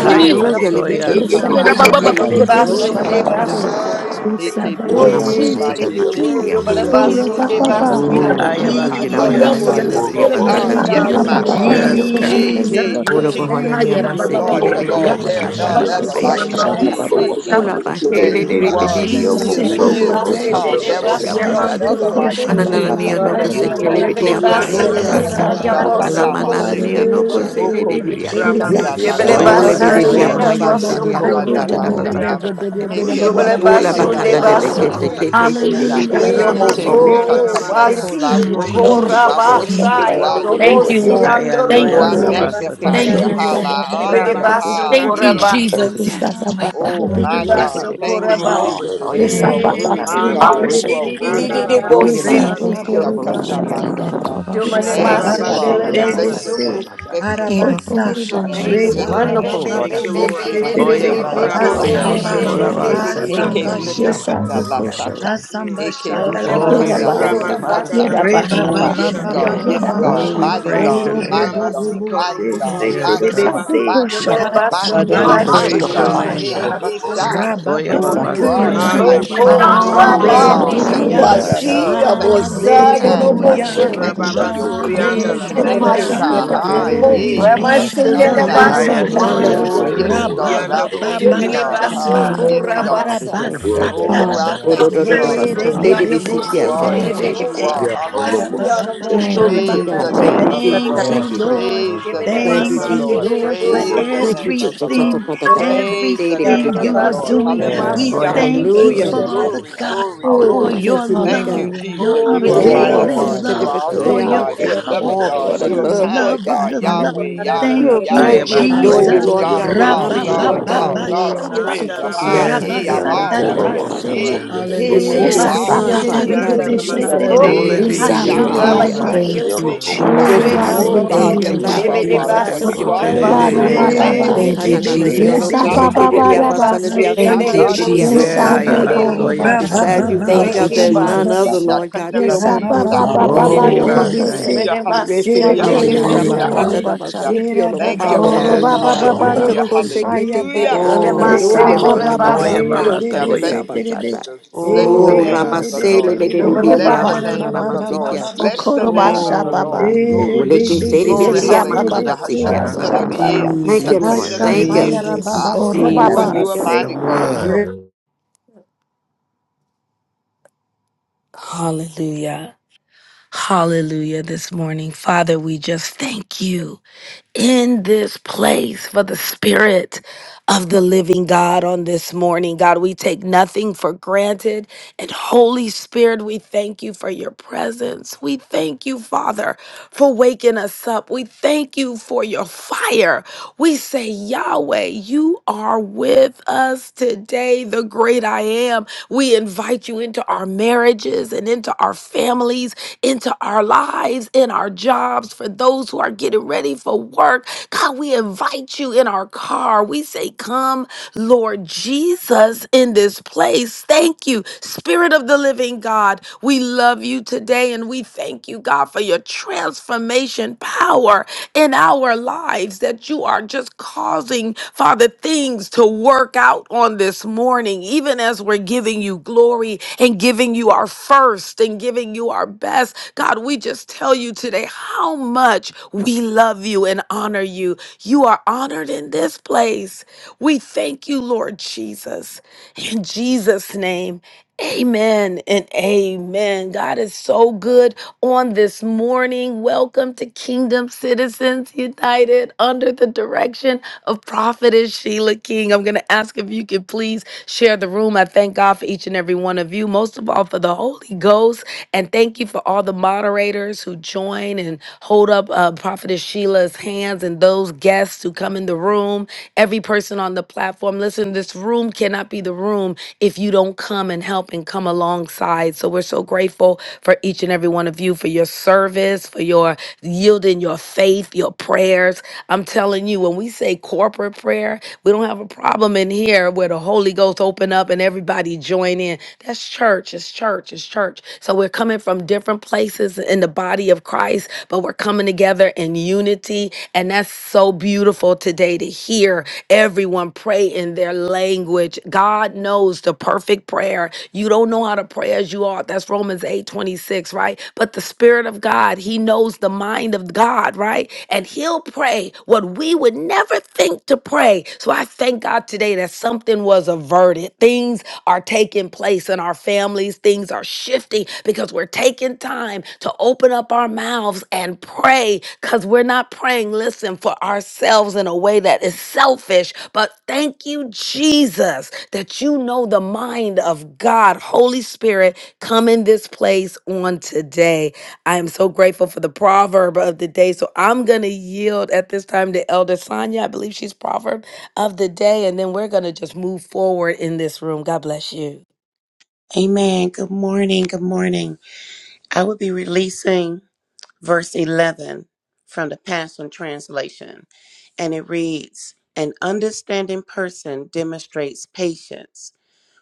[SPEAKER 8] Robos, Robos, Robos,
[SPEAKER 1] Jesus.
[SPEAKER 3] Eke
[SPEAKER 12] libe
[SPEAKER 3] busho
[SPEAKER 12] kese
[SPEAKER 1] And then,
[SPEAKER 14] yesaba
[SPEAKER 3] kanda
[SPEAKER 1] ah,
[SPEAKER 12] kese
[SPEAKER 7] Rabas,
[SPEAKER 3] ba
[SPEAKER 1] ba,
[SPEAKER 12] kese
[SPEAKER 1] ba,
[SPEAKER 12] di
[SPEAKER 1] ba, ba,
[SPEAKER 14] babara
[SPEAKER 3] yeke
[SPEAKER 1] koto,
[SPEAKER 12] akate.
[SPEAKER 1] re, re,
[SPEAKER 3] bushu
[SPEAKER 1] re,
[SPEAKER 10] Yubinabasunde
[SPEAKER 13] Roria
[SPEAKER 1] re,
[SPEAKER 14] bukushe
[SPEAKER 13] de
[SPEAKER 1] re.
[SPEAKER 3] kamandata.
[SPEAKER 10] Basukot.
[SPEAKER 13] Baye.
[SPEAKER 14] Yes, Yes,
[SPEAKER 3] Eke
[SPEAKER 1] Oh,
[SPEAKER 12] Ola
[SPEAKER 3] bushuko
[SPEAKER 12] mahata
[SPEAKER 1] Jesus,
[SPEAKER 3] ba
[SPEAKER 12] ta ta ta
[SPEAKER 13] You're
[SPEAKER 3] yeke
[SPEAKER 12] kande
[SPEAKER 1] Jesus,
[SPEAKER 12] di
[SPEAKER 13] worthy,
[SPEAKER 3] buto
[SPEAKER 12] amasata.
[SPEAKER 1] Jesus.
[SPEAKER 13] Rabokos.
[SPEAKER 10] Yubinabasunde
[SPEAKER 3] bita.
[SPEAKER 5] you,
[SPEAKER 10] Basukai.
[SPEAKER 12] Oh,
[SPEAKER 3] Oko kuka
[SPEAKER 12] hallelujah. La
[SPEAKER 1] We
[SPEAKER 13] Mario
[SPEAKER 3] kanda
[SPEAKER 9] Ayabasoya.
[SPEAKER 12] manana
[SPEAKER 2] Yes,
[SPEAKER 12] niya
[SPEAKER 1] welcome
[SPEAKER 13] Kore
[SPEAKER 1] you,
[SPEAKER 5] Jesus.
[SPEAKER 13] de
[SPEAKER 2] God.
[SPEAKER 3] lata
[SPEAKER 12] nandiya
[SPEAKER 1] Spirit
[SPEAKER 3] ku.
[SPEAKER 1] of the
[SPEAKER 13] Bekira
[SPEAKER 12] basa
[SPEAKER 13] de
[SPEAKER 3] Ah,
[SPEAKER 12] ta
[SPEAKER 1] Living
[SPEAKER 12] ta
[SPEAKER 10] Yubinabasunde
[SPEAKER 5] Thank
[SPEAKER 12] ta
[SPEAKER 13] Sigan
[SPEAKER 1] God.
[SPEAKER 12] ta
[SPEAKER 3] yes,
[SPEAKER 1] We
[SPEAKER 13] de
[SPEAKER 12] ta
[SPEAKER 5] you,
[SPEAKER 3] my
[SPEAKER 1] need
[SPEAKER 13] Kore
[SPEAKER 12] pa
[SPEAKER 13] de
[SPEAKER 10] Basukot.
[SPEAKER 1] you.
[SPEAKER 3] father.
[SPEAKER 12] kete o
[SPEAKER 2] Yes,
[SPEAKER 13] Bakoria.
[SPEAKER 12] kade.
[SPEAKER 2] God.
[SPEAKER 3] Hey, hey,
[SPEAKER 5] Jesus.
[SPEAKER 3] you're
[SPEAKER 12] Ora
[SPEAKER 3] king's a
[SPEAKER 12] bohana
[SPEAKER 1] Ah,
[SPEAKER 5] Thank
[SPEAKER 12] niya
[SPEAKER 1] yeah,
[SPEAKER 5] you,
[SPEAKER 3] king,
[SPEAKER 1] ra, ba,
[SPEAKER 3] you're
[SPEAKER 12] mase
[SPEAKER 1] ba, ba,
[SPEAKER 5] Lord.
[SPEAKER 1] ba,
[SPEAKER 12] kele
[SPEAKER 3] lord's
[SPEAKER 1] koto,
[SPEAKER 3] a
[SPEAKER 13] Mm,
[SPEAKER 12] bidi
[SPEAKER 1] re, re,
[SPEAKER 3] lord.
[SPEAKER 12] ama
[SPEAKER 13] thank
[SPEAKER 1] re,
[SPEAKER 3] There are
[SPEAKER 13] you,
[SPEAKER 1] ba, ba,
[SPEAKER 12] hata da
[SPEAKER 3] none
[SPEAKER 1] ba,
[SPEAKER 12] ba
[SPEAKER 3] other
[SPEAKER 1] koto, re,
[SPEAKER 3] like
[SPEAKER 12] kaira
[SPEAKER 13] Jesus.
[SPEAKER 1] re,
[SPEAKER 3] you.
[SPEAKER 1] re, ba.
[SPEAKER 12] zata.
[SPEAKER 3] Hey,
[SPEAKER 1] si.
[SPEAKER 3] hey, hey.
[SPEAKER 12] Hula ba
[SPEAKER 3] that
[SPEAKER 12] hele de
[SPEAKER 3] you
[SPEAKER 12] re
[SPEAKER 1] Oh,
[SPEAKER 12] bidi
[SPEAKER 3] was
[SPEAKER 4] Hallelujah.
[SPEAKER 3] and
[SPEAKER 12] mo
[SPEAKER 1] Jesus,
[SPEAKER 3] is
[SPEAKER 13] Eyoraramasia.
[SPEAKER 3] and
[SPEAKER 12] so ko
[SPEAKER 3] is
[SPEAKER 1] Jesus.
[SPEAKER 3] to
[SPEAKER 12] to
[SPEAKER 13] Thank
[SPEAKER 12] so
[SPEAKER 13] you,
[SPEAKER 12] bo
[SPEAKER 3] come.
[SPEAKER 10] Yubinabasunde
[SPEAKER 12] ta
[SPEAKER 3] There
[SPEAKER 12] de
[SPEAKER 3] will
[SPEAKER 13] Jesus.
[SPEAKER 12] ya
[SPEAKER 3] be
[SPEAKER 10] Basukot.
[SPEAKER 12] basa
[SPEAKER 13] Thank
[SPEAKER 3] none
[SPEAKER 13] you,
[SPEAKER 12] ta.
[SPEAKER 3] other
[SPEAKER 1] Yamandora da
[SPEAKER 13] Lord.
[SPEAKER 3] like
[SPEAKER 1] da
[SPEAKER 3] you.
[SPEAKER 1] da
[SPEAKER 13] Thank
[SPEAKER 1] da
[SPEAKER 13] you,
[SPEAKER 12] Manana
[SPEAKER 1] da da
[SPEAKER 3] Hey,
[SPEAKER 12] niya
[SPEAKER 3] she
[SPEAKER 13] Father.
[SPEAKER 12] no
[SPEAKER 1] da
[SPEAKER 12] ko
[SPEAKER 1] da
[SPEAKER 3] came
[SPEAKER 12] se
[SPEAKER 1] da
[SPEAKER 8] Robos,
[SPEAKER 12] kele
[SPEAKER 5] Ashambara
[SPEAKER 1] da da
[SPEAKER 12] bidi
[SPEAKER 8] Robos,
[SPEAKER 10] Jebele
[SPEAKER 12] ya
[SPEAKER 7] Robosori
[SPEAKER 12] ba
[SPEAKER 7] and
[SPEAKER 1] da
[SPEAKER 7] the
[SPEAKER 12] haira
[SPEAKER 1] da
[SPEAKER 10] basune,
[SPEAKER 8] Robos,
[SPEAKER 10] haja
[SPEAKER 8] Robos,
[SPEAKER 7] Rabasatari and the
[SPEAKER 3] Oshakanda
[SPEAKER 8] Robos,
[SPEAKER 7] Rabas,
[SPEAKER 10] bosuko.
[SPEAKER 13] Gloriarababakaremerosia
[SPEAKER 12] niya
[SPEAKER 3] Basheke,
[SPEAKER 12] no
[SPEAKER 1] Oh,
[SPEAKER 12] ko se
[SPEAKER 13] debaya.
[SPEAKER 3] Oko
[SPEAKER 12] bidi di
[SPEAKER 4] Thank you, hallelujah, Jesus.
[SPEAKER 13] We
[SPEAKER 3] Bishekanda
[SPEAKER 8] Thank
[SPEAKER 1] oh,
[SPEAKER 8] you.
[SPEAKER 7] Ramamasanda
[SPEAKER 10] Jebele
[SPEAKER 13] extol
[SPEAKER 3] Lasaka,
[SPEAKER 12] Ule
[SPEAKER 13] and
[SPEAKER 10] basunde
[SPEAKER 8] Yeah,
[SPEAKER 7] Ramasete.
[SPEAKER 12] bedelia
[SPEAKER 10] de
[SPEAKER 9] Oyabasoya.
[SPEAKER 3] Oko
[SPEAKER 10] na
[SPEAKER 13] exalt you,
[SPEAKER 12] mahayra
[SPEAKER 1] Yamamama
[SPEAKER 12] sendi
[SPEAKER 13] Lord,
[SPEAKER 5] se,
[SPEAKER 12] ala
[SPEAKER 10] bosuko.
[SPEAKER 7] Dio
[SPEAKER 1] Gudura
[SPEAKER 14] Yes,
[SPEAKER 3] Bashakamada
[SPEAKER 7] Robo
[SPEAKER 12] basata da
[SPEAKER 1] da
[SPEAKER 4] hallelujah.
[SPEAKER 12] basata
[SPEAKER 3] Lashaka,
[SPEAKER 12] da
[SPEAKER 1] da
[SPEAKER 7] Sorianda Ramas.
[SPEAKER 1] da
[SPEAKER 12] basete.
[SPEAKER 13] for
[SPEAKER 1] da da da da da
[SPEAKER 3] Heke
[SPEAKER 13] you are
[SPEAKER 10] Shubele
[SPEAKER 1] da da
[SPEAKER 7] Yes,
[SPEAKER 1] da
[SPEAKER 12] Ula
[SPEAKER 13] great
[SPEAKER 1] da.
[SPEAKER 13] and
[SPEAKER 7] Lord.
[SPEAKER 3] Bushokanda
[SPEAKER 10] basunde
[SPEAKER 7] Yes,
[SPEAKER 12] bakanda
[SPEAKER 13] greatly
[SPEAKER 12] de
[SPEAKER 13] to be
[SPEAKER 7] Lord.
[SPEAKER 3] Lasheke
[SPEAKER 12] bekete
[SPEAKER 10] basuko.
[SPEAKER 12] kete de
[SPEAKER 13] praised.
[SPEAKER 12] de
[SPEAKER 3] Bushokunda,
[SPEAKER 12] de de
[SPEAKER 1] Hallelujah.
[SPEAKER 5] ere
[SPEAKER 3] Hike
[SPEAKER 12] yomoso.
[SPEAKER 5] Bebe,
[SPEAKER 13] Yararaporokora
[SPEAKER 7] Ramasiana
[SPEAKER 10] Oh,
[SPEAKER 5] Bese,
[SPEAKER 7] Ramas.
[SPEAKER 3] Butakanda
[SPEAKER 13] diasia.
[SPEAKER 5] Terebe,
[SPEAKER 3] Kola, I
[SPEAKER 10] basi,
[SPEAKER 7] Glory
[SPEAKER 6] Thank
[SPEAKER 13] Thank
[SPEAKER 3] worship
[SPEAKER 7] to
[SPEAKER 13] you,
[SPEAKER 1] Mm.
[SPEAKER 3] you,
[SPEAKER 7] God.
[SPEAKER 10] kora
[SPEAKER 3] I
[SPEAKER 13] Jesus.
[SPEAKER 6] you.
[SPEAKER 3] worship
[SPEAKER 7] Oh,
[SPEAKER 10] basai,
[SPEAKER 3] you,
[SPEAKER 4] Thank you,
[SPEAKER 3] I
[SPEAKER 7] glory
[SPEAKER 5] Arabase,
[SPEAKER 7] to
[SPEAKER 1] Thank
[SPEAKER 7] God.
[SPEAKER 3] adore
[SPEAKER 1] you,
[SPEAKER 10] robosi
[SPEAKER 3] you.
[SPEAKER 1] Lord.
[SPEAKER 5] Erebe,
[SPEAKER 10] ando
[SPEAKER 9] Ayando
[SPEAKER 1] Thank
[SPEAKER 3] Oh,
[SPEAKER 1] you,
[SPEAKER 3] I
[SPEAKER 12] Ure
[SPEAKER 5] Terebe,
[SPEAKER 10] roboso.
[SPEAKER 7] Glory
[SPEAKER 1] Lord.
[SPEAKER 12] pose
[SPEAKER 7] to God.
[SPEAKER 3] magnify
[SPEAKER 5] Samba,
[SPEAKER 6] and
[SPEAKER 4] Hallelujah.
[SPEAKER 12] kese kete
[SPEAKER 1] Thank
[SPEAKER 9] yarabasataya.
[SPEAKER 6] feel
[SPEAKER 3] you,
[SPEAKER 1] you,
[SPEAKER 12] de
[SPEAKER 3] Hala,
[SPEAKER 1] Lord.
[SPEAKER 12] de
[SPEAKER 3] I honor
[SPEAKER 12] basata
[SPEAKER 10] Jebele
[SPEAKER 3] you,
[SPEAKER 5] Arabashamba,
[SPEAKER 12] da
[SPEAKER 10] basu
[SPEAKER 3] Ha,
[SPEAKER 7] Rabasika
[SPEAKER 1] Thank
[SPEAKER 12] basata
[SPEAKER 1] you,
[SPEAKER 3] ye,
[SPEAKER 12] de
[SPEAKER 10] koraba,
[SPEAKER 7] Nanamo
[SPEAKER 12] basata.
[SPEAKER 6] the
[SPEAKER 1] Jesus.
[SPEAKER 3] Nishi.
[SPEAKER 7] Sorianda.
[SPEAKER 6] hands away, God.
[SPEAKER 3] Oh
[SPEAKER 5] Arababa,
[SPEAKER 10] jebele
[SPEAKER 3] my
[SPEAKER 7] Glory,
[SPEAKER 3] God,
[SPEAKER 10] basu
[SPEAKER 3] thank
[SPEAKER 12] Oh,
[SPEAKER 7] glory,
[SPEAKER 12] I
[SPEAKER 3] you,
[SPEAKER 10] koraba.
[SPEAKER 12] love to
[SPEAKER 7] glory.
[SPEAKER 12] call
[SPEAKER 3] Jesus.
[SPEAKER 12] your
[SPEAKER 3] You are
[SPEAKER 12] name,
[SPEAKER 6] And
[SPEAKER 12] Lord
[SPEAKER 5] ere
[SPEAKER 12] God. I
[SPEAKER 5] Bebe,
[SPEAKER 3] worthy,
[SPEAKER 12] love to
[SPEAKER 7] Handa
[SPEAKER 5] Bebe,
[SPEAKER 3] God.
[SPEAKER 10] Jebele
[SPEAKER 3] You
[SPEAKER 7] Rabas.
[SPEAKER 12] worship
[SPEAKER 10] di
[SPEAKER 5] Bese,
[SPEAKER 3] are
[SPEAKER 12] you
[SPEAKER 10] di di
[SPEAKER 5] Terebe,
[SPEAKER 7] Sanda
[SPEAKER 10] di
[SPEAKER 3] worthy.
[SPEAKER 12] and
[SPEAKER 10] di
[SPEAKER 3] You
[SPEAKER 7] Rabas
[SPEAKER 12] adore
[SPEAKER 3] are
[SPEAKER 12] you.
[SPEAKER 10] bosi.
[SPEAKER 12] La
[SPEAKER 5] Reba,
[SPEAKER 3] worthy.
[SPEAKER 7] Sorianda
[SPEAKER 6] evil
[SPEAKER 3] He
[SPEAKER 12] basiki
[SPEAKER 5] Baba,
[SPEAKER 12] ora
[SPEAKER 7] Rabas.
[SPEAKER 5] Baba,
[SPEAKER 12] basata
[SPEAKER 3] shakanda
[SPEAKER 14] Yes,
[SPEAKER 12] de
[SPEAKER 6] Shanda de
[SPEAKER 3] basata.
[SPEAKER 12] basata.
[SPEAKER 10] Shumane
[SPEAKER 14] Yes,
[SPEAKER 7] Yanda
[SPEAKER 6] Koroshande.
[SPEAKER 12] Ula
[SPEAKER 3] Thank
[SPEAKER 14] Abba,
[SPEAKER 3] you,
[SPEAKER 7] Rabas
[SPEAKER 10] masunde
[SPEAKER 5] Arabashe,
[SPEAKER 14] Abba,
[SPEAKER 12] basata
[SPEAKER 10] le
[SPEAKER 12] da
[SPEAKER 3] Father.
[SPEAKER 14] do
[SPEAKER 10] na
[SPEAKER 12] da
[SPEAKER 14] not
[SPEAKER 5] Terebe,
[SPEAKER 7] Sorianda
[SPEAKER 14] put
[SPEAKER 3] Bless
[SPEAKER 12] basata
[SPEAKER 3] your
[SPEAKER 5] Se,
[SPEAKER 7] Rabas.
[SPEAKER 12] de
[SPEAKER 10] bosuko.
[SPEAKER 3] name.
[SPEAKER 4] Put
[SPEAKER 3] Bless
[SPEAKER 12] basata.
[SPEAKER 3] your
[SPEAKER 4] the
[SPEAKER 6] Evil
[SPEAKER 14] up
[SPEAKER 3] name.
[SPEAKER 4] peace
[SPEAKER 5] Arabasa,
[SPEAKER 14] your
[SPEAKER 3] Bless your
[SPEAKER 12] Your
[SPEAKER 14] voice.
[SPEAKER 6] Shande
[SPEAKER 3] name.
[SPEAKER 12] name is
[SPEAKER 6] si
[SPEAKER 5] Reba
[SPEAKER 10] Oh,
[SPEAKER 4] here.
[SPEAKER 3] Bless your
[SPEAKER 10] re be
[SPEAKER 5] Baba
[SPEAKER 3] name.
[SPEAKER 12] wonderful,
[SPEAKER 10] be
[SPEAKER 12] Lord.
[SPEAKER 7] Thank
[SPEAKER 10] be
[SPEAKER 7] you,
[SPEAKER 6] Koroshande.
[SPEAKER 5] Babu
[SPEAKER 10] be
[SPEAKER 7] Lord.
[SPEAKER 10] be be
[SPEAKER 14] Yes,
[SPEAKER 5] Shetebe,
[SPEAKER 3] Oshikike
[SPEAKER 10] be be
[SPEAKER 14] Abba,
[SPEAKER 10] be
[SPEAKER 14] Abba,
[SPEAKER 10] be
[SPEAKER 14] do
[SPEAKER 12] Oro
[SPEAKER 10] be
[SPEAKER 4] This
[SPEAKER 14] not
[SPEAKER 3] manda
[SPEAKER 9] Oyababasoya.
[SPEAKER 10] be
[SPEAKER 12] kose
[SPEAKER 10] be
[SPEAKER 7] Rabasikanda
[SPEAKER 14] push.
[SPEAKER 10] be
[SPEAKER 2] Ula
[SPEAKER 10] be
[SPEAKER 7] Rabo
[SPEAKER 12] created
[SPEAKER 6] Evil
[SPEAKER 12] in
[SPEAKER 10] suko.
[SPEAKER 12] your
[SPEAKER 7] Sorianda
[SPEAKER 3] Heke
[SPEAKER 12] son
[SPEAKER 6] Shande
[SPEAKER 2] masatari di
[SPEAKER 12] of
[SPEAKER 6] si
[SPEAKER 7] Rabas.
[SPEAKER 3] busho
[SPEAKER 5] Hasamba,
[SPEAKER 12] your
[SPEAKER 2] di
[SPEAKER 14] Yes,
[SPEAKER 3] kanda
[SPEAKER 14] Abba,
[SPEAKER 3] la
[SPEAKER 14] push.
[SPEAKER 4] morning,
[SPEAKER 2] masia
[SPEAKER 3] sata.
[SPEAKER 5] Asamba
[SPEAKER 7] Mm.
[SPEAKER 3] Heke
[SPEAKER 12] Eternal
[SPEAKER 3] busho
[SPEAKER 5] shataraba
[SPEAKER 2] Oh,
[SPEAKER 12] God,
[SPEAKER 14] Yes,
[SPEAKER 3] kanda
[SPEAKER 2] yes.
[SPEAKER 14] Abba,
[SPEAKER 3] la
[SPEAKER 2] Lord.
[SPEAKER 12] everlasting
[SPEAKER 5] seterebe.
[SPEAKER 2] We-
[SPEAKER 12] Father, and the
[SPEAKER 7] Ramasanda
[SPEAKER 14] yes,
[SPEAKER 3] sakata.
[SPEAKER 14] Abba,
[SPEAKER 12] Prince
[SPEAKER 10] Yamanemasokorabasika.
[SPEAKER 12] of
[SPEAKER 14] Abba,
[SPEAKER 7] Rabas
[SPEAKER 5] Reba
[SPEAKER 12] Peace,
[SPEAKER 5] ba
[SPEAKER 3] Oh,
[SPEAKER 6] Evil
[SPEAKER 12] Lord.
[SPEAKER 5] ba
[SPEAKER 7] Sorianda
[SPEAKER 12] I
[SPEAKER 3] yes,
[SPEAKER 6] Shande
[SPEAKER 5] ba
[SPEAKER 7] Rabas.
[SPEAKER 5] ba
[SPEAKER 12] deal
[SPEAKER 3] God,
[SPEAKER 12] in
[SPEAKER 6] de
[SPEAKER 12] the
[SPEAKER 5] ba
[SPEAKER 14] yes, Abba,
[SPEAKER 3] yes,
[SPEAKER 5] ba
[SPEAKER 12] voice
[SPEAKER 14] Abba,
[SPEAKER 5] ba.
[SPEAKER 12] that
[SPEAKER 2] Oh,
[SPEAKER 3] God,
[SPEAKER 12] you
[SPEAKER 2] we
[SPEAKER 12] can
[SPEAKER 6] Koroshande.
[SPEAKER 3] mighty
[SPEAKER 12] be
[SPEAKER 2] praise your
[SPEAKER 3] God,
[SPEAKER 5] Oro bo
[SPEAKER 12] vacated
[SPEAKER 2] name,
[SPEAKER 3] mighty
[SPEAKER 5] bo
[SPEAKER 12] in
[SPEAKER 2] Lord.
[SPEAKER 5] bo
[SPEAKER 12] this.
[SPEAKER 3] God,
[SPEAKER 5] bo
[SPEAKER 7] Ramasika
[SPEAKER 10] Yogorebasundebasoko.
[SPEAKER 5] she
[SPEAKER 3] mighty
[SPEAKER 7] Romo
[SPEAKER 12] Oro
[SPEAKER 3] God,
[SPEAKER 12] kose
[SPEAKER 6] Yes,
[SPEAKER 2] Yes,
[SPEAKER 7] Sorianda
[SPEAKER 6] God.
[SPEAKER 3] mighty
[SPEAKER 14] yes,
[SPEAKER 5] seterebe
[SPEAKER 12] created
[SPEAKER 2] God.
[SPEAKER 12] in
[SPEAKER 3] God,
[SPEAKER 14] Abba,
[SPEAKER 5] se.
[SPEAKER 7] Rabase.
[SPEAKER 3] mighty
[SPEAKER 14] push.
[SPEAKER 12] your
[SPEAKER 3] God,
[SPEAKER 14] Abba,
[SPEAKER 3] mighty
[SPEAKER 14] Abba, do
[SPEAKER 2] We
[SPEAKER 5] Ashambara
[SPEAKER 3] God,
[SPEAKER 14] not
[SPEAKER 6] Evil
[SPEAKER 5] ba
[SPEAKER 14] push.
[SPEAKER 5] ba
[SPEAKER 3] mighty
[SPEAKER 12] Lift
[SPEAKER 2] praise
[SPEAKER 14] up,
[SPEAKER 10] Yogorebasungebasoko.
[SPEAKER 5] ba
[SPEAKER 12] you up,
[SPEAKER 2] your
[SPEAKER 7] Mm.
[SPEAKER 3] God.
[SPEAKER 5] ba
[SPEAKER 12] Lord
[SPEAKER 6] Shande
[SPEAKER 2] name,
[SPEAKER 12] God.
[SPEAKER 3] Hey,
[SPEAKER 5] sha.
[SPEAKER 6] si
[SPEAKER 2] Lord.
[SPEAKER 12] i in the
[SPEAKER 5] Ra
[SPEAKER 3] Misha.
[SPEAKER 12] other.
[SPEAKER 14] Baba
[SPEAKER 5] ba
[SPEAKER 14] Roberto.
[SPEAKER 5] ba
[SPEAKER 3] Oh,
[SPEAKER 14] Yes,
[SPEAKER 5] ba ba
[SPEAKER 3] you
[SPEAKER 14] Abba,
[SPEAKER 5] ba
[SPEAKER 10] Yuku,
[SPEAKER 3] are
[SPEAKER 6] Evil
[SPEAKER 3] a
[SPEAKER 14] push.
[SPEAKER 5] ba.
[SPEAKER 9] Oyababasoya.
[SPEAKER 14] it.
[SPEAKER 7] Haya
[SPEAKER 3] mighty
[SPEAKER 10] Roko,
[SPEAKER 3] God.
[SPEAKER 6] Shande si
[SPEAKER 12] Thank you,
[SPEAKER 7] Basorianda
[SPEAKER 3] Oh,
[SPEAKER 14] Yes,
[SPEAKER 10] Raba,
[SPEAKER 14] Abba,
[SPEAKER 12] Lord.
[SPEAKER 14] do
[SPEAKER 3] God,
[SPEAKER 7] Rabase.
[SPEAKER 10] you
[SPEAKER 3] thank
[SPEAKER 14] not
[SPEAKER 3] you
[SPEAKER 2] Oh,
[SPEAKER 14] raise
[SPEAKER 6] Koroshande.
[SPEAKER 5] Hallelujah.
[SPEAKER 3] for
[SPEAKER 2] that
[SPEAKER 14] your
[SPEAKER 10] must
[SPEAKER 3] your
[SPEAKER 2] I
[SPEAKER 14] voice.
[SPEAKER 12] Thank you,
[SPEAKER 2] must
[SPEAKER 14] Do not
[SPEAKER 10] see
[SPEAKER 12] Lord.
[SPEAKER 3] love.
[SPEAKER 10] the
[SPEAKER 2] shut
[SPEAKER 4] now
[SPEAKER 3] Thank you
[SPEAKER 2] up
[SPEAKER 4] and
[SPEAKER 14] raise
[SPEAKER 3] for
[SPEAKER 2] and
[SPEAKER 14] your voice. Do
[SPEAKER 3] your
[SPEAKER 14] not
[SPEAKER 2] I
[SPEAKER 14] push.
[SPEAKER 12] Thank
[SPEAKER 10] Messiah, the
[SPEAKER 12] you,
[SPEAKER 2] say.
[SPEAKER 6] Evil
[SPEAKER 3] kindness.
[SPEAKER 14] Abba,
[SPEAKER 6] Shande
[SPEAKER 14] Abba,
[SPEAKER 5] Hallelujah.
[SPEAKER 12] Lord.
[SPEAKER 14] do
[SPEAKER 6] si
[SPEAKER 14] not
[SPEAKER 10] Messiah.
[SPEAKER 12] Thank you,
[SPEAKER 3] Thank
[SPEAKER 14] push.
[SPEAKER 12] Lord.
[SPEAKER 3] you for
[SPEAKER 14] Yes,
[SPEAKER 7] Rababa
[SPEAKER 4] now and now and
[SPEAKER 3] your
[SPEAKER 7] Sorianda
[SPEAKER 12] Oro
[SPEAKER 3] peace.
[SPEAKER 6] Koroshande.
[SPEAKER 12] kose
[SPEAKER 10] And the
[SPEAKER 7] Rabase.
[SPEAKER 3] Thank
[SPEAKER 12] created
[SPEAKER 3] you,
[SPEAKER 5] Hallelujah.
[SPEAKER 12] in
[SPEAKER 3] God.
[SPEAKER 2] Oh,
[SPEAKER 12] your
[SPEAKER 10] Messiah,
[SPEAKER 2] dee,
[SPEAKER 3] Ha,
[SPEAKER 4] now and
[SPEAKER 2] dee,
[SPEAKER 10] Koko,
[SPEAKER 2] dee, dee,
[SPEAKER 5] Glory
[SPEAKER 3] yay,
[SPEAKER 2] dee,
[SPEAKER 5] be
[SPEAKER 2] my
[SPEAKER 5] to
[SPEAKER 6] Koroshande
[SPEAKER 10] Ramasunde,
[SPEAKER 5] the
[SPEAKER 2] son,
[SPEAKER 10] the
[SPEAKER 6] de
[SPEAKER 3] Mashanda.
[SPEAKER 5] Lamb
[SPEAKER 2] somebody
[SPEAKER 5] of
[SPEAKER 2] was
[SPEAKER 10] Basaka.
[SPEAKER 2] saying
[SPEAKER 5] God.
[SPEAKER 6] Koroshande.
[SPEAKER 12] Wonderful
[SPEAKER 9] Hayasoya.
[SPEAKER 3] Oh,
[SPEAKER 2] something.
[SPEAKER 3] yes,
[SPEAKER 12] Savior.
[SPEAKER 5] Rabba
[SPEAKER 3] God. I
[SPEAKER 7] Yanda Bo
[SPEAKER 5] Baba
[SPEAKER 3] thank you,
[SPEAKER 10] Shemele
[SPEAKER 3] God.
[SPEAKER 7] Sorianda.
[SPEAKER 3] Ah,
[SPEAKER 5] Bashamba.
[SPEAKER 6] Yeah,
[SPEAKER 10] Basoko,
[SPEAKER 3] yes, God.
[SPEAKER 10] Rabasa.
[SPEAKER 2] Oh,
[SPEAKER 4] now and
[SPEAKER 2] shut down
[SPEAKER 3] Oh,
[SPEAKER 6] Lord,
[SPEAKER 2] and
[SPEAKER 3] I
[SPEAKER 5] Arabasataraba.
[SPEAKER 2] then
[SPEAKER 12] Oh,
[SPEAKER 2] I
[SPEAKER 12] do
[SPEAKER 3] thank
[SPEAKER 12] do
[SPEAKER 3] you,
[SPEAKER 6] we
[SPEAKER 12] do
[SPEAKER 2] see
[SPEAKER 12] do,
[SPEAKER 3] Father,
[SPEAKER 2] it.
[SPEAKER 12] but
[SPEAKER 6] sing
[SPEAKER 3] for
[SPEAKER 2] and
[SPEAKER 12] come,
[SPEAKER 2] I
[SPEAKER 10] Robetuki,
[SPEAKER 6] God
[SPEAKER 12] baby,
[SPEAKER 10] and
[SPEAKER 6] of
[SPEAKER 3] being
[SPEAKER 10] the
[SPEAKER 12] be
[SPEAKER 2] say,
[SPEAKER 3] who
[SPEAKER 6] Shanty.
[SPEAKER 5] Herebebebe
[SPEAKER 12] sick,
[SPEAKER 3] you
[SPEAKER 12] yes, da
[SPEAKER 3] are and
[SPEAKER 12] da
[SPEAKER 10] Bosoteya,
[SPEAKER 12] da
[SPEAKER 3] what
[SPEAKER 12] da,
[SPEAKER 6] Worthy,
[SPEAKER 10] Go.
[SPEAKER 3] you
[SPEAKER 5] seterebeshe.
[SPEAKER 3] are.
[SPEAKER 12] bye.
[SPEAKER 8] my little
[SPEAKER 10] Amasiya,
[SPEAKER 3] Hallelujah.
[SPEAKER 8] boss.
[SPEAKER 10] no
[SPEAKER 5] Arabababa
[SPEAKER 8] Yeah,
[SPEAKER 10] Mo.
[SPEAKER 8] my
[SPEAKER 12] Glory to
[SPEAKER 5] shamba.
[SPEAKER 3] Praise
[SPEAKER 8] little
[SPEAKER 6] worthy,
[SPEAKER 3] the
[SPEAKER 8] boss.
[SPEAKER 12] God. Thank
[SPEAKER 3] name
[SPEAKER 12] you,
[SPEAKER 3] of
[SPEAKER 8] little
[SPEAKER 3] the
[SPEAKER 12] Jesus.
[SPEAKER 8] boss,
[SPEAKER 5] Thank
[SPEAKER 3] Lord.
[SPEAKER 5] you,
[SPEAKER 12] Thank you,
[SPEAKER 2] Yes, God.
[SPEAKER 12] Jesus.
[SPEAKER 5] Lord.
[SPEAKER 2] Oh,
[SPEAKER 3] Praise the
[SPEAKER 2] God,
[SPEAKER 10] Yemene
[SPEAKER 7] Thank
[SPEAKER 3] name
[SPEAKER 7] you,
[SPEAKER 12] Thank
[SPEAKER 2] somebody
[SPEAKER 3] of
[SPEAKER 12] you,
[SPEAKER 3] the
[SPEAKER 5] Thank
[SPEAKER 2] was
[SPEAKER 5] you,
[SPEAKER 7] Father.
[SPEAKER 10] Masunde,
[SPEAKER 3] Lord.
[SPEAKER 2] saying
[SPEAKER 12] Jesus.
[SPEAKER 10] the
[SPEAKER 5] Lord,
[SPEAKER 2] something.
[SPEAKER 5] for
[SPEAKER 3] Praise the
[SPEAKER 8] Worobos
[SPEAKER 10] Bosoko.
[SPEAKER 12] Thank you,
[SPEAKER 3] name of the
[SPEAKER 12] Jesus.
[SPEAKER 3] Lord.
[SPEAKER 8] Tekiro
[SPEAKER 5] everything,
[SPEAKER 8] Kosanda.
[SPEAKER 3] Praise the name
[SPEAKER 5] everything
[SPEAKER 10] Yemene
[SPEAKER 3] of
[SPEAKER 5] you
[SPEAKER 3] the
[SPEAKER 5] are
[SPEAKER 3] Lord.
[SPEAKER 5] doing.
[SPEAKER 10] Basune,
[SPEAKER 5] We
[SPEAKER 2] Yes,
[SPEAKER 3] Hallelujah.
[SPEAKER 10] Masaka.
[SPEAKER 2] God, was
[SPEAKER 5] thank
[SPEAKER 2] a
[SPEAKER 5] you,
[SPEAKER 3] Hallelujah.
[SPEAKER 12] Hallelujah.
[SPEAKER 8] Thank you,
[SPEAKER 9] Oyabasoya.
[SPEAKER 2] somebody
[SPEAKER 5] Father
[SPEAKER 8] Father
[SPEAKER 3] Glory,
[SPEAKER 2] was
[SPEAKER 5] God,
[SPEAKER 8] God.
[SPEAKER 2] saying
[SPEAKER 3] glory,
[SPEAKER 12] Oh,
[SPEAKER 2] something.
[SPEAKER 12] we
[SPEAKER 5] for
[SPEAKER 3] glory.
[SPEAKER 8] Hallelujah.
[SPEAKER 5] your
[SPEAKER 12] thank you, Lord
[SPEAKER 3] Thank
[SPEAKER 5] love,
[SPEAKER 3] you,
[SPEAKER 12] God.
[SPEAKER 1] Hallelujah.
[SPEAKER 5] your
[SPEAKER 3] Jesus.
[SPEAKER 10] oh,
[SPEAKER 12] We
[SPEAKER 3] You
[SPEAKER 2] Oh,
[SPEAKER 3] are
[SPEAKER 12] thank you,
[SPEAKER 2] da, da,
[SPEAKER 10] bebe
[SPEAKER 3] mighty
[SPEAKER 12] Lord
[SPEAKER 2] da,
[SPEAKER 5] unveiling
[SPEAKER 2] da,
[SPEAKER 3] God.
[SPEAKER 12] God,
[SPEAKER 8] Worobos
[SPEAKER 12] that
[SPEAKER 10] seka.
[SPEAKER 2] my
[SPEAKER 3] You
[SPEAKER 12] the
[SPEAKER 5] love,
[SPEAKER 3] are
[SPEAKER 2] son,
[SPEAKER 8] Tekiro
[SPEAKER 12] between
[SPEAKER 5] for
[SPEAKER 3] awesome
[SPEAKER 12] our
[SPEAKER 5] your
[SPEAKER 2] somebody was
[SPEAKER 3] God. You're
[SPEAKER 12] outreach,
[SPEAKER 8] Robosanda
[SPEAKER 5] power,
[SPEAKER 3] loving
[SPEAKER 12] all
[SPEAKER 2] saying
[SPEAKER 3] God.
[SPEAKER 12] Lord,
[SPEAKER 8] Robos.
[SPEAKER 5] for
[SPEAKER 12] and
[SPEAKER 5] the
[SPEAKER 3] You're
[SPEAKER 2] something.
[SPEAKER 12] love, Lord
[SPEAKER 3] kind
[SPEAKER 5] love of
[SPEAKER 12] God.
[SPEAKER 3] God.
[SPEAKER 5] the love.
[SPEAKER 3] Yahweh,
[SPEAKER 1] Hallelujah.
[SPEAKER 2] I
[SPEAKER 3] Yahweh,
[SPEAKER 12] You're
[SPEAKER 5] Thank you,
[SPEAKER 8] Yeah,
[SPEAKER 2] praise
[SPEAKER 12] bad.
[SPEAKER 3] Yahweh.
[SPEAKER 12] We
[SPEAKER 8] Robos
[SPEAKER 12] adore
[SPEAKER 2] you.
[SPEAKER 12] you,
[SPEAKER 9] Ayabasoya.
[SPEAKER 3] Oh,
[SPEAKER 5] Jesus.
[SPEAKER 2] Yes, I
[SPEAKER 12] Lord
[SPEAKER 1] Hallelujah.
[SPEAKER 8] Tekiro
[SPEAKER 3] God
[SPEAKER 2] tell
[SPEAKER 12] God.
[SPEAKER 3] of
[SPEAKER 12] We
[SPEAKER 2] you,
[SPEAKER 3] all,
[SPEAKER 12] honor
[SPEAKER 5] Rabba
[SPEAKER 12] you,
[SPEAKER 8] Robos.
[SPEAKER 3] God
[SPEAKER 2] my
[SPEAKER 12] Lord
[SPEAKER 3] of all,
[SPEAKER 12] God.
[SPEAKER 2] son.
[SPEAKER 3] God of
[SPEAKER 1] Hallelujah.
[SPEAKER 7] Danda
[SPEAKER 3] treasure,
[SPEAKER 12] Receive
[SPEAKER 3] high,
[SPEAKER 7] Rabasho
[SPEAKER 2] Yes,
[SPEAKER 3] yeah, of
[SPEAKER 2] God.
[SPEAKER 1] Hallelujah.
[SPEAKER 3] all
[SPEAKER 7] Torianda
[SPEAKER 3] treasure.
[SPEAKER 8] Worobos
[SPEAKER 7] Rabase.
[SPEAKER 5] Rabasatarabaseya.
[SPEAKER 3] Hey,
[SPEAKER 8] Tekiro
[SPEAKER 3] he,
[SPEAKER 10] Shebele
[SPEAKER 1] Hallelujah.
[SPEAKER 3] oh,
[SPEAKER 12] your
[SPEAKER 8] Robosanda
[SPEAKER 14] Abba,
[SPEAKER 3] all
[SPEAKER 10] masi
[SPEAKER 12] son,
[SPEAKER 15] you.
[SPEAKER 14] Abba,
[SPEAKER 8] Robos.
[SPEAKER 2] Yes.
[SPEAKER 3] goodness
[SPEAKER 12] Father
[SPEAKER 14] do
[SPEAKER 10] andele
[SPEAKER 3] is
[SPEAKER 12] God,
[SPEAKER 14] not
[SPEAKER 3] in
[SPEAKER 7] Yanda
[SPEAKER 12] in
[SPEAKER 10] bebe
[SPEAKER 3] you,
[SPEAKER 7] Ramas.
[SPEAKER 14] push.
[SPEAKER 12] Jesus'
[SPEAKER 3] Lord.
[SPEAKER 5] Erebebebebebebebe-setereba.
[SPEAKER 12] name.
[SPEAKER 10] seko.
[SPEAKER 12] That
[SPEAKER 2] Ole
[SPEAKER 3] Hey,
[SPEAKER 12] it be
[SPEAKER 1] Hallelujah.
[SPEAKER 2] di
[SPEAKER 12] your
[SPEAKER 2] di
[SPEAKER 3] Nisa,
[SPEAKER 12] course,
[SPEAKER 8] Yeah,
[SPEAKER 2] di
[SPEAKER 14] Isavu
[SPEAKER 2] di
[SPEAKER 12] that
[SPEAKER 5] Ashamba,
[SPEAKER 12] it
[SPEAKER 2] di
[SPEAKER 10] Raba
[SPEAKER 12] be
[SPEAKER 3] all
[SPEAKER 8] Robos
[SPEAKER 12] our
[SPEAKER 14] Kuruba,
[SPEAKER 10] didi
[SPEAKER 2] basa
[SPEAKER 3] goodness
[SPEAKER 12] God.
[SPEAKER 1] Thank
[SPEAKER 8] Tekiro
[SPEAKER 3] is
[SPEAKER 5] ashamba.
[SPEAKER 1] you,
[SPEAKER 10] yoko.
[SPEAKER 3] in
[SPEAKER 2] tara
[SPEAKER 3] you,
[SPEAKER 12] We
[SPEAKER 2] ba
[SPEAKER 3] God.
[SPEAKER 12] rest in
[SPEAKER 8] Robosanda
[SPEAKER 14] Oruba
[SPEAKER 12] you,
[SPEAKER 5] Reba
[SPEAKER 2] yesa
[SPEAKER 1] Jesus.
[SPEAKER 3] Oh,
[SPEAKER 14] Rebe
[SPEAKER 12] Lord
[SPEAKER 2] sa.
[SPEAKER 8] Robos.
[SPEAKER 12] God.
[SPEAKER 5] bobo
[SPEAKER 3] God,
[SPEAKER 12] We
[SPEAKER 1] Thank you,
[SPEAKER 3] thank you,
[SPEAKER 12] rely
[SPEAKER 5] she
[SPEAKER 14] Keriba,
[SPEAKER 3] for
[SPEAKER 12] on you,
[SPEAKER 10] Nebele
[SPEAKER 3] Father,
[SPEAKER 12] Lord
[SPEAKER 3] for
[SPEAKER 12] God.
[SPEAKER 10] baso
[SPEAKER 12] We
[SPEAKER 1] Jesus.
[SPEAKER 3] you are
[SPEAKER 2] Ote
[SPEAKER 10] kora
[SPEAKER 12] depend
[SPEAKER 3] the
[SPEAKER 2] di
[SPEAKER 12] upon
[SPEAKER 14] Oruba
[SPEAKER 2] di
[SPEAKER 12] you,
[SPEAKER 2] di
[SPEAKER 12] Lord
[SPEAKER 10] basaka.
[SPEAKER 3] treasure.
[SPEAKER 2] di
[SPEAKER 14] Raba
[SPEAKER 8] Worobos
[SPEAKER 12] God.
[SPEAKER 2] ba
[SPEAKER 5] Eh,
[SPEAKER 14] Baba,
[SPEAKER 3] Hey,
[SPEAKER 5] eh,
[SPEAKER 8] Tekiro
[SPEAKER 1] Thank
[SPEAKER 2] yesa
[SPEAKER 5] be,
[SPEAKER 1] you,
[SPEAKER 3] my
[SPEAKER 5] be,
[SPEAKER 12] Adanana
[SPEAKER 2] tara
[SPEAKER 5] be,
[SPEAKER 12] ni
[SPEAKER 5] be,
[SPEAKER 3] God,
[SPEAKER 12] ono
[SPEAKER 2] sa
[SPEAKER 1] Jesus.
[SPEAKER 5] be,
[SPEAKER 14] Yesa
[SPEAKER 2] sa
[SPEAKER 3] my
[SPEAKER 5] be,
[SPEAKER 12] kose
[SPEAKER 8] Sanda
[SPEAKER 5] be,
[SPEAKER 14] Baba
[SPEAKER 3] God.
[SPEAKER 2] ba.
[SPEAKER 12] kiri
[SPEAKER 5] be.
[SPEAKER 10] Shebele
[SPEAKER 12] diaba
[SPEAKER 3] Yes,
[SPEAKER 14] Baraba,
[SPEAKER 3] she
[SPEAKER 12] sana
[SPEAKER 8] Robosanda
[SPEAKER 5] Ah,
[SPEAKER 10] baso
[SPEAKER 3] came,
[SPEAKER 12] dia
[SPEAKER 3] my
[SPEAKER 1] Thank
[SPEAKER 10] ndele
[SPEAKER 1] you,
[SPEAKER 5] shambara
[SPEAKER 12] kandiri
[SPEAKER 3] God,
[SPEAKER 5] ba,
[SPEAKER 10] lebo
[SPEAKER 8] Robos.
[SPEAKER 5] se,
[SPEAKER 3] today.
[SPEAKER 5] te,
[SPEAKER 10] soko.
[SPEAKER 14] Yesa
[SPEAKER 1] Jesus.
[SPEAKER 2] Yes,
[SPEAKER 5] be.
[SPEAKER 12] bidiaba.
[SPEAKER 2] ara
[SPEAKER 14] Boko
[SPEAKER 3] Hey,
[SPEAKER 2] bosha
[SPEAKER 5] Ra,
[SPEAKER 9] Ayabasoya.
[SPEAKER 3] Nisa,
[SPEAKER 5] ba,
[SPEAKER 14] Robasha,
[SPEAKER 2] tara
[SPEAKER 12] Beside
[SPEAKER 5] ba,
[SPEAKER 12] you,
[SPEAKER 2] ra
[SPEAKER 10] U
[SPEAKER 3] kanda
[SPEAKER 5] ba,
[SPEAKER 2] ra
[SPEAKER 3] la
[SPEAKER 5] ba,
[SPEAKER 12] Father
[SPEAKER 3] la
[SPEAKER 1] Thank
[SPEAKER 2] ba
[SPEAKER 1] you,
[SPEAKER 12] God,
[SPEAKER 10] reke
[SPEAKER 12] there
[SPEAKER 3] la,
[SPEAKER 12] is
[SPEAKER 8] Worobos.
[SPEAKER 3] oh,
[SPEAKER 5] shamba,
[SPEAKER 10] ba.
[SPEAKER 12] none
[SPEAKER 5] ba,
[SPEAKER 2] sekta.
[SPEAKER 5] ba,
[SPEAKER 12] other,
[SPEAKER 1] Jesus.
[SPEAKER 3] Shisha,
[SPEAKER 5] ba.
[SPEAKER 12] Lord God.
[SPEAKER 3] kanda la
[SPEAKER 12] Dio
[SPEAKER 3] la,
[SPEAKER 14] Yesa
[SPEAKER 12] mo
[SPEAKER 5] ba,
[SPEAKER 12] bo
[SPEAKER 3] yes,
[SPEAKER 5] ba,
[SPEAKER 12] si
[SPEAKER 3] ah.
[SPEAKER 14] Baba
[SPEAKER 5] ba,
[SPEAKER 12] ke
[SPEAKER 5] ba,
[SPEAKER 12] te
[SPEAKER 14] Baba
[SPEAKER 12] te
[SPEAKER 5] se,
[SPEAKER 2] Oh
[SPEAKER 3] Oh,
[SPEAKER 12] dio
[SPEAKER 5] te,
[SPEAKER 12] ba
[SPEAKER 5] de,
[SPEAKER 14] Barabu
[SPEAKER 2] God,
[SPEAKER 1] Oh,
[SPEAKER 8] Hallelujah.
[SPEAKER 5] be,
[SPEAKER 12] ba ba.
[SPEAKER 5] se.
[SPEAKER 14] Kuse,
[SPEAKER 2] thank you.
[SPEAKER 3] hallelujah,
[SPEAKER 10] Shebele
[SPEAKER 12] We rest
[SPEAKER 10] masi
[SPEAKER 12] in
[SPEAKER 5] Eh,
[SPEAKER 12] you,
[SPEAKER 5] de,
[SPEAKER 3] hallelujah,
[SPEAKER 5] be,
[SPEAKER 8] Thank
[SPEAKER 12] Lord
[SPEAKER 8] you,
[SPEAKER 10] andele
[SPEAKER 5] be,
[SPEAKER 14] Yekede
[SPEAKER 12] God.
[SPEAKER 10] bebe
[SPEAKER 14] de
[SPEAKER 12] Da
[SPEAKER 5] se,
[SPEAKER 8] Father
[SPEAKER 12] ba
[SPEAKER 3] hallelujah,
[SPEAKER 5] te,
[SPEAKER 1] hallelujah.
[SPEAKER 10] seko.
[SPEAKER 14] Boko
[SPEAKER 12] san
[SPEAKER 8] God.
[SPEAKER 5] be.
[SPEAKER 12] da da ba
[SPEAKER 14] Robasha,
[SPEAKER 3] hallelujah.
[SPEAKER 12] si
[SPEAKER 5] Eh,
[SPEAKER 12] ki o lo
[SPEAKER 5] ba,
[SPEAKER 12] bo
[SPEAKER 3] Thank
[SPEAKER 5] ba,
[SPEAKER 12] sa
[SPEAKER 3] you,
[SPEAKER 8] I
[SPEAKER 12] ta.
[SPEAKER 5] ba, ba,
[SPEAKER 3] Father.
[SPEAKER 2] Yes,
[SPEAKER 14] Oruba
[SPEAKER 5] ba, ba,
[SPEAKER 8] praise
[SPEAKER 2] God,
[SPEAKER 14] Baba
[SPEAKER 8] your
[SPEAKER 1] Hallelujah.
[SPEAKER 5] ba,
[SPEAKER 2] we
[SPEAKER 4] now and now
[SPEAKER 12] Put
[SPEAKER 8] holy
[SPEAKER 4] and
[SPEAKER 12] a
[SPEAKER 3] Hallelujah.
[SPEAKER 2] love
[SPEAKER 14] Barabu
[SPEAKER 8] name.
[SPEAKER 12] close
[SPEAKER 2] you.
[SPEAKER 12] shake
[SPEAKER 14] Kuse,
[SPEAKER 12] it
[SPEAKER 5] Aya,
[SPEAKER 12] and
[SPEAKER 5] ba,
[SPEAKER 12] get
[SPEAKER 3] Hallelujah.
[SPEAKER 12] it on
[SPEAKER 5] ba,
[SPEAKER 10] Ene
[SPEAKER 12] and
[SPEAKER 5] se,
[SPEAKER 1] Oh,
[SPEAKER 3] Oh,
[SPEAKER 12] adore
[SPEAKER 5] te,
[SPEAKER 10] maso
[SPEAKER 14] Yesa
[SPEAKER 12] you,
[SPEAKER 5] be.
[SPEAKER 1] God,
[SPEAKER 12] Lord
[SPEAKER 1] we
[SPEAKER 10] kora
[SPEAKER 14] Baba
[SPEAKER 12] God. Da
[SPEAKER 3] hallelujah.
[SPEAKER 12] ba
[SPEAKER 4] now.
[SPEAKER 14] Baba,
[SPEAKER 1] love
[SPEAKER 12] ki
[SPEAKER 5] Eh,
[SPEAKER 12] ki
[SPEAKER 10] basaka.
[SPEAKER 12] o
[SPEAKER 1] you.
[SPEAKER 5] be,
[SPEAKER 3] Hallelujah.
[SPEAKER 12] kan
[SPEAKER 5] be,
[SPEAKER 12] da
[SPEAKER 9] Oyababasoya.
[SPEAKER 3] Thank
[SPEAKER 5] se,
[SPEAKER 12] dia ba
[SPEAKER 5] te,
[SPEAKER 3] you,
[SPEAKER 12] sa
[SPEAKER 5] be.
[SPEAKER 12] ta.
[SPEAKER 3] Jesus. Bless
[SPEAKER 5] Eh,
[SPEAKER 2] Oh,
[SPEAKER 3] the
[SPEAKER 5] be,
[SPEAKER 12] O
[SPEAKER 2] de
[SPEAKER 12] ra
[SPEAKER 3] name
[SPEAKER 5] be,
[SPEAKER 12] ba
[SPEAKER 3] of
[SPEAKER 1] Oh,
[SPEAKER 5] be,
[SPEAKER 3] the
[SPEAKER 5] be,
[SPEAKER 2] basa
[SPEAKER 12] se
[SPEAKER 5] be, be,
[SPEAKER 12] le
[SPEAKER 3] Lord.
[SPEAKER 5] be,
[SPEAKER 2] tara
[SPEAKER 12] le
[SPEAKER 5] be,
[SPEAKER 12] le
[SPEAKER 5] be.
[SPEAKER 12] le
[SPEAKER 2] ba
[SPEAKER 12] di
[SPEAKER 10] Shebele
[SPEAKER 3] Bless
[SPEAKER 12] ria
[SPEAKER 3] the
[SPEAKER 10] basi
[SPEAKER 14] Orubaba,
[SPEAKER 2] sekta.
[SPEAKER 3] name
[SPEAKER 10] ndele
[SPEAKER 3] of
[SPEAKER 5] ba,
[SPEAKER 3] the
[SPEAKER 5] ba,
[SPEAKER 12] si
[SPEAKER 5] ba,
[SPEAKER 10] bebe
[SPEAKER 3] Lord.
[SPEAKER 5] ba, ba,
[SPEAKER 10] seko.
[SPEAKER 3] Bless the name
[SPEAKER 5] shamba.
[SPEAKER 3] of
[SPEAKER 14] okoroba
[SPEAKER 3] the Lord.
[SPEAKER 14] Baba,
[SPEAKER 1] oh,
[SPEAKER 3] Glory.
[SPEAKER 4] Mission,
[SPEAKER 12] se le bi di
[SPEAKER 3] Glory.
[SPEAKER 12] ria
[SPEAKER 1] Jesus.
[SPEAKER 14] Yesa
[SPEAKER 12] ma ha
[SPEAKER 14] Baba
[SPEAKER 3] Hallelujah.
[SPEAKER 14] Baba,
[SPEAKER 12] si
[SPEAKER 4] um,
[SPEAKER 2] Ara
[SPEAKER 3] Hashakundala
[SPEAKER 4] you
[SPEAKER 3] diye,
[SPEAKER 2] bosha,
[SPEAKER 4] will
[SPEAKER 12] Thank
[SPEAKER 2] you
[SPEAKER 12] you,
[SPEAKER 2] can
[SPEAKER 12] Lord.
[SPEAKER 2] in the
[SPEAKER 3] sisakundala
[SPEAKER 2] name
[SPEAKER 12] Thank
[SPEAKER 2] of
[SPEAKER 3] diye,
[SPEAKER 12] you.
[SPEAKER 3] shika.
[SPEAKER 2] Jesus.
[SPEAKER 3] Oh,
[SPEAKER 14] Orubaba
[SPEAKER 12] Mighty
[SPEAKER 3] you are
[SPEAKER 12] God.
[SPEAKER 2] The
[SPEAKER 3] mighty God. You are
[SPEAKER 2] blood.
[SPEAKER 1] Hallelujah. Hallelujah this morning. Father, we just thank you. in this place for the spirit of the living God on this morning. God, we take nothing for granted. And Holy Spirit, we thank you for your presence. We thank you, Father, for waking us up. We thank you for your fire. We say, Yahweh, you are with us today, the great I am. We invite you into our marriages and into our families, into our lives, in our jobs, for those who are getting ready for work. God, we invite you in our car. We say, Come, Lord Jesus, in this place. Thank you, Spirit of the living God. We love you today and we thank you, God, for your transformation power in our lives that you are just causing, Father, things to work out on this morning, even as we're giving you glory and giving you our first and giving you our best. God, we just tell you today how much we love you and honor you. You are honored in this place. We thank you, Lord Jesus. In Jesus' name, amen and amen. God is so good on this morning. Welcome to Kingdom Citizens United under the direction of Prophetess Sheila King. I'm going to ask if you could please share the room. I thank God for each and every one of you, most of all for the Holy Ghost. And thank you for all the moderators who join and hold up uh, Prophetess Sheila's hands and those guests who come in the room every person on the platform. Listen, this room cannot be the room if you don't come and help and come alongside. So we're so grateful for each and every one of you for your service, for your yielding your faith, your prayers. I'm telling you, when we say corporate prayer, we don't have a problem in here where the Holy Ghost open up and everybody join in. That's church. It's church. It's church. So we're coming from different places in the body of Christ, but we're coming together in unity. And that's so beautiful today to hear everyone pray in their language. God knows the perfect prayer. You don't know how to pray as you ought. That's Romans eight twenty six, right? But the Spirit of God, He knows the mind of God, right? And He'll pray what we would never never think to pray. So I thank God today that something was averted. Things are taking place in our families, things are shifting because we're taking time to open up our mouths and pray because we're not praying, listen, for ourselves in a way that is selfish. But thank you, Jesus, that you know the mind of God. Holy Spirit, come in this place on today. I am so grateful for the proverb of the day. So I'm going to yield at this time to Elder Sonia. I believe she's proverb of the day. And then we're going to just move forward in this room. God bless you.
[SPEAKER 16] Amen. Good morning. Good morning. I will be releasing verse 11 from the Passion Translation, and it reads An understanding person demonstrates patience,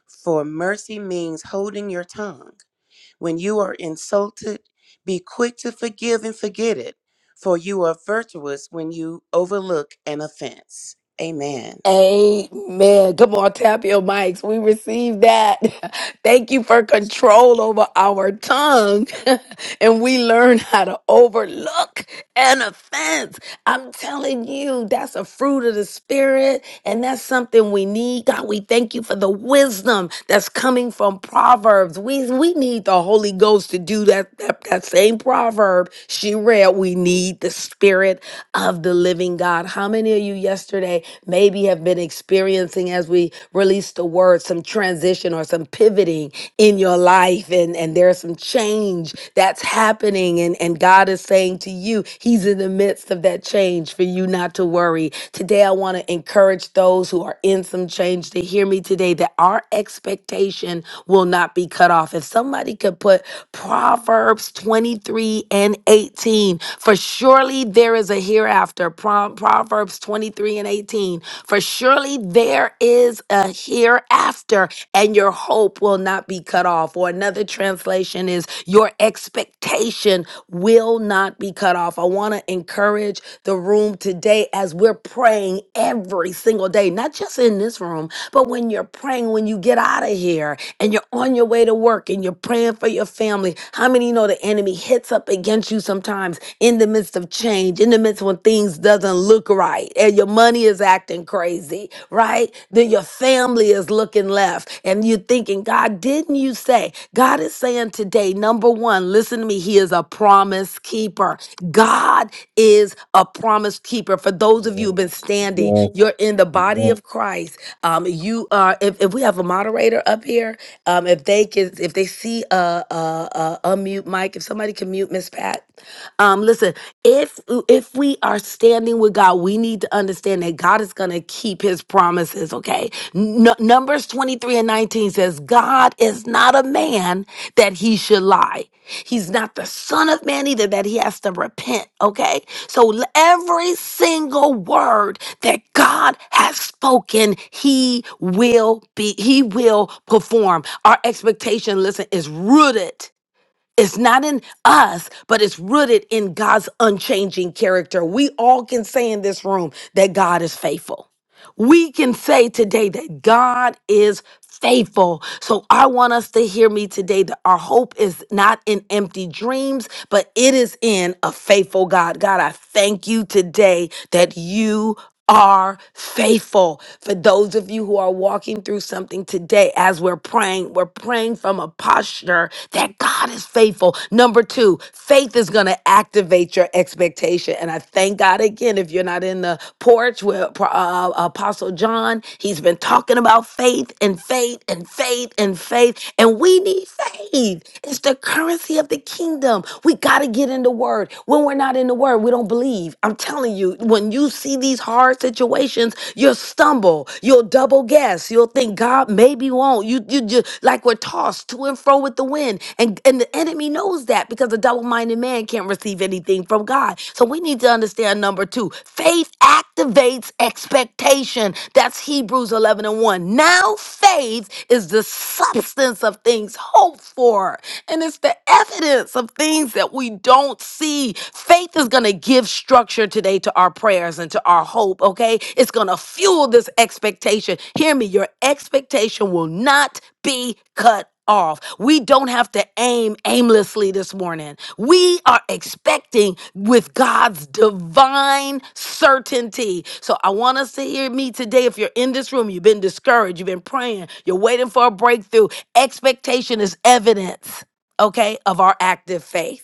[SPEAKER 16] for mercy means holding your tongue. When you are insulted, be quick to forgive and forget it, for you are virtuous when you overlook an offense. Amen.
[SPEAKER 1] Amen. Come on, tap your mics. We receive that. Thank you for control over our tongue. and we learn how to overlook an offense. I'm telling you, that's a fruit of the spirit. And that's something we need. God, we thank you for the wisdom that's coming from Proverbs. We, we need the Holy Ghost to do that, that, that same proverb she read. We need the spirit of the living God. Hallelujah many of you yesterday maybe have been experiencing as we release the word some transition or some pivoting in your life and and there's some change that's happening and and God is saying to you he's in the midst of that change for you not to worry today I want to encourage those who are in some change to hear me today that our expectation will not be cut off if somebody could put Proverbs 23 and 18 for surely there is a hearing hereafter. Prom- Proverbs 23 and 18. For surely there is a hereafter, and your hope will not be cut off. Or another translation is, Your expectation will not be cut off. I want to encourage the room today as we're praying every single day, not just in this room, but when you're praying, when you get out of here and you're on your way to work and you're praying for your family. How many know the enemy hits up against you sometimes? in the midst of change, in the midst when things doesn't look right, and your money is acting crazy, right? Then your family is looking left, and you're thinking, God, didn't you say? God is saying today, number one, listen to me. He is a promise keeper. God is a promise keeper. For those of you who've been
[SPEAKER 4] yes,
[SPEAKER 1] standing,
[SPEAKER 4] yes,
[SPEAKER 1] you're in the
[SPEAKER 4] yes.
[SPEAKER 1] body of Christ. Um, you are. If, if we have a moderator up here, um, if they can, if they see a, a, a unmute mic, if somebody can to mute, Miss Pat. Um, listen, if if we are standing with God, we need to understand that God is gonna keep his promises, okay? N- Numbers 23 and 19 says, God is not a man that he should lie. He's not the son of man either that he has to repent, okay? So l- every single word that God has spoken, he will be, he will perform. Our expectation, listen, is rooted. It's not in us, but it's rooted in God's unchanging character. We all can say in this room that God is faithful we can say today that God is faithful. So I want us to hear me today that our hope is not in empty dreams, but it is in a faithful God. God, I thank you today that you are faithful. For those of you who are walking through something today, as we're praying, we're praying from a posture that God is faithful. Number two, Faith is going to activate your expectation. And I thank God again, if you're not in the porch with uh, Apostle John, he's been talking about faith and faith and faith and faith. And we need faith. It's the currency of the kingdom. We got to get in the word. When we're not in the word, we don't believe. I'm telling you, when you see these hard situations, you'll stumble, you'll double guess, you'll you think God maybe won't. You you just like we're tossed to and fro with the wind. And and the enemy knows that because a double-minded man can't receive anything from God. So we need to understand number two, faith activates expectation. That's Hebrews 11 and 1. Now faith is the substance of things hoped for, and it's the evidence of things that we don't see. Faith is going to going to give structure today to our prayers and to our hope, okay? It's going to fuel this expectation. Hear me, your expectation will not be cut off. We don't have to aim aimlessly this morning. We are expecting with God's divine certainty. So I want us to hear me today. If you're in this room, you've been discouraged, you've been praying, you're waiting for a breakthrough. Expectation is evidence, okay, of our active faith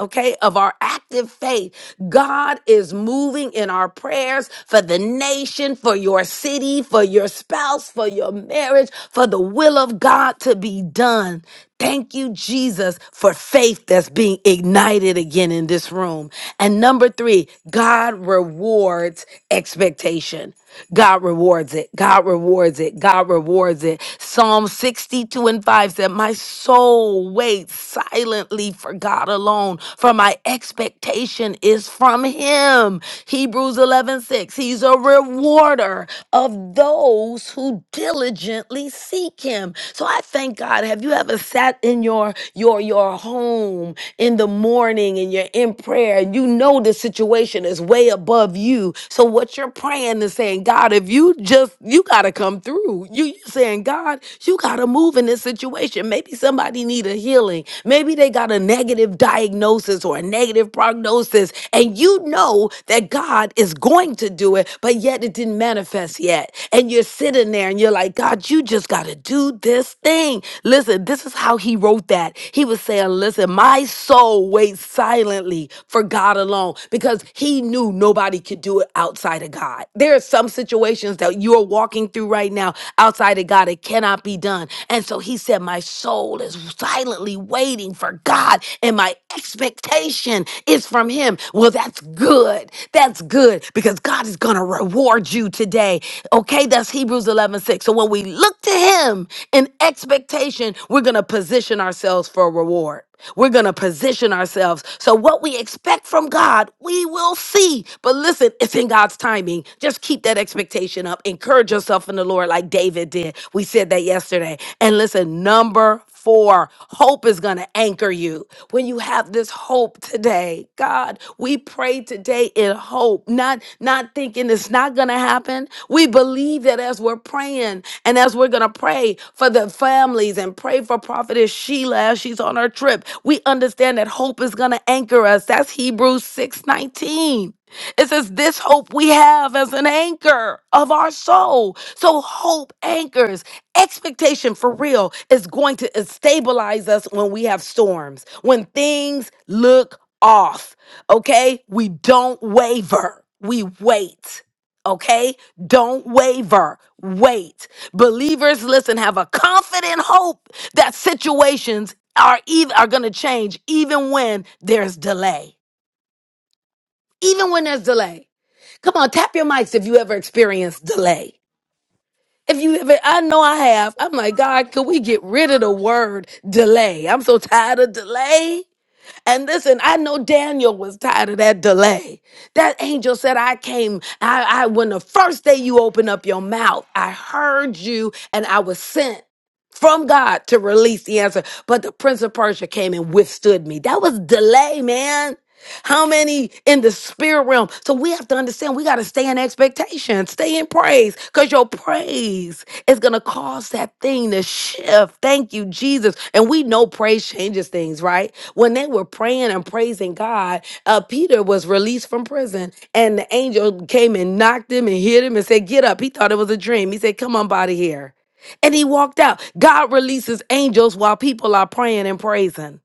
[SPEAKER 1] okay, of our active faith. God is moving in our prayers for the nation, for your city, for your spouse, for your marriage, for the will of God to be done. Thank you, Jesus, for faith that's being ignited again in this room. And number three, God rewards expectation. God rewards it. God rewards it. God rewards it. Psalm 62 and 5 said, My soul waits wait silently for God alone, for my expectation is from Him. Hebrews 11:6. He's a rewarder of those who diligently seek Him. So I thank God. Have you ever sat in your your your home in the morning and you're in prayer and you know the situation is way above you? So what you're praying is saying, God, if you just you gotta come through. You you saying, God, you gotta move move in this situation. Maybe somebody need a healing. Maybe they got a negative diagnosis or a negative prognosis, and you know that God is going to do it, but yet it didn't manifest yet. And you're sitting there and you're like, God, you just got to do this thing. Listen, this is how he wrote that. He was saying, Listen, my soul waits silently for God alone because he knew nobody could do it outside of God. There are some situations that you are walking through right right now outside of God. It cannot be done. And so he said, My soul is silently waiting for God, and my expectation is from him. Well, that's good. That's good because God is going to reward you today. Okay, that's Hebrews 11:6. So when we look look to him in expectation, we're going to position ourselves for a reward. We're going to position ourselves. So, what we expect from God, we will see. But listen, it's in God's timing. Just keep that expectation up. Encourage yourself in the Lord, like David did. We said that yesterday. And listen, number for. Hope is going to anchor you. When you have this hope today, God, we pray today in hope, not not thinking it's not going to happen. We believe that as we're praying and as we're going to pray for the families and pray for prophetess Sheila as she's on her trip, we understand that hope is going to anchor us. That's Hebrews 6:19. It says, This hope we have as an anchor of our soul. So hope anchors. Expectation for real is going to stabilize us when we have storms, when things look off. Okay? We don't waver, we wait. Okay? Don't waver. Wait. Believers, listen, have a confident hope that situations are even are going to change even when there's delay. Even when there's delay. Come on, tap your mics if you ever experienced delay. If you if it, I know I have. I'm like, God, could we get rid of the word delay? I'm so tired of delay. And listen, I know Daniel was tired of that delay. That angel said, I came, I, I when the first day you open up your mouth, I heard you and I was sent from God to release the answer. But the Prince of Persia came and withstood me. That was delay, man. How many in the spirit realm? So we have to understand we got to stay in expectation, stay in praise, because your praise is going to cause that thing to shift. Thank you, Jesus. And we know praise changes things, right? When they were praying and praising God, uh, Peter was released from prison, and the angel came and knocked him and hit him and said, Get up. He thought it was a dream. He said, Come on, body here. And he walked out. God releases angels while people are praying and praising.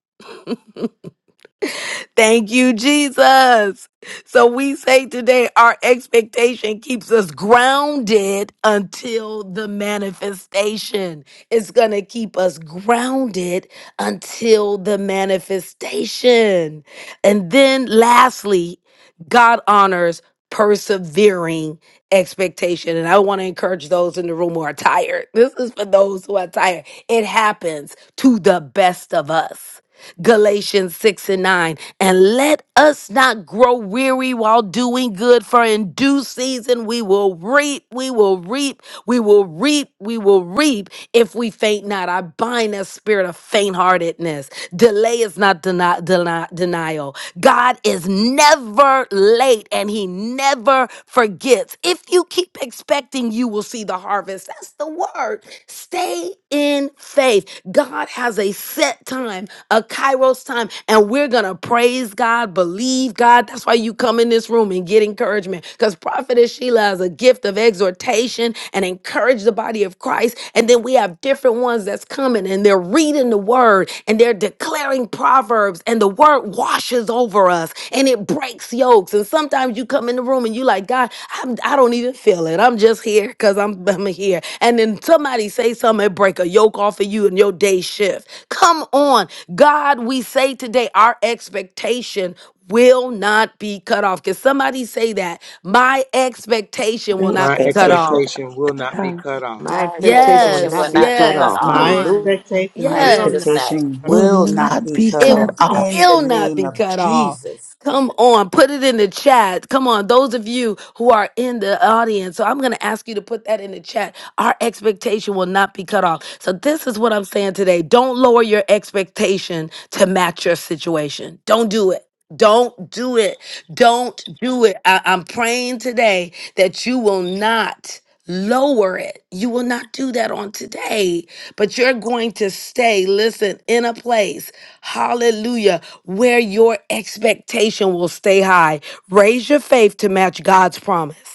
[SPEAKER 1] Thank you, Jesus. So we say today our expectation keeps us grounded until the manifestation. It's going to keep us grounded until the manifestation. And then lastly, God honors persevering expectation. And I want to encourage those in the room who are tired. This is for those who are tired. It happens to the best of us. Galatians 6 and 9. And let us not grow weary while doing good, for in due season we will reap, we will reap, we will reap, we will reap if we faint not. I bind that spirit of faint heartedness. Delay is not deni- deni- denial. God is never late and he never forgets. If you keep expecting, you will see the harvest. That's the word. Stay in faith. God has a set time, a kairos time, and we're going to praise God, believe God. That's why you come in this room and get encouragement because Prophetess Sheila has a gift of exhortation and encourage the body of Christ. And then we have different ones that's coming and they're reading the word and they're declaring proverbs and the word washes over us and it breaks yokes. And sometimes you come in the room and you like, God, I'm, I don't even feel it. I'm just here because I'm, I'm here. And then somebody say something and break a yoke off of you in your day shift. Come on. God, we say today our expectation will not be cut off. Can somebody say that? My expectation
[SPEAKER 17] the
[SPEAKER 1] will
[SPEAKER 7] My
[SPEAKER 1] not be cut
[SPEAKER 17] expectation
[SPEAKER 1] off.
[SPEAKER 7] expectation will not
[SPEAKER 17] without
[SPEAKER 7] be
[SPEAKER 17] all.
[SPEAKER 7] cut off.
[SPEAKER 12] My
[SPEAKER 18] My
[SPEAKER 12] expectation will
[SPEAKER 18] expectation will
[SPEAKER 12] not
[SPEAKER 1] Yes.
[SPEAKER 12] be
[SPEAKER 18] not be
[SPEAKER 12] cut
[SPEAKER 18] cut
[SPEAKER 1] Yes.
[SPEAKER 12] off.
[SPEAKER 1] Come
[SPEAKER 19] My
[SPEAKER 18] off
[SPEAKER 12] Hallelujah.
[SPEAKER 1] on.
[SPEAKER 19] expectations
[SPEAKER 18] in
[SPEAKER 5] My
[SPEAKER 19] will
[SPEAKER 18] Jesus'
[SPEAKER 19] not
[SPEAKER 1] Yes.
[SPEAKER 5] expectation
[SPEAKER 18] name.
[SPEAKER 19] be cut off.
[SPEAKER 14] will
[SPEAKER 5] will not
[SPEAKER 14] not
[SPEAKER 5] be
[SPEAKER 14] be
[SPEAKER 5] cut
[SPEAKER 1] It
[SPEAKER 14] cut
[SPEAKER 5] off
[SPEAKER 14] off.
[SPEAKER 5] in the
[SPEAKER 1] will not
[SPEAKER 5] name
[SPEAKER 1] be
[SPEAKER 5] of
[SPEAKER 1] cut off.
[SPEAKER 5] Jesus.
[SPEAKER 1] Come on, put it in the chat. Come on, those of you who are in the audience. So I'm going to ask you to put that in the chat. Our expectation will not be cut off. So this is what I'm saying today. Don't lower your expectation to match your situation. Don't do it. Don't do it. Don't do it. I, am praying today that you will not. Lower it. You will not do that on today, but you're going to stay, listen, in a place, hallelujah, where your expectation will stay high. Raise your faith to match God's promise.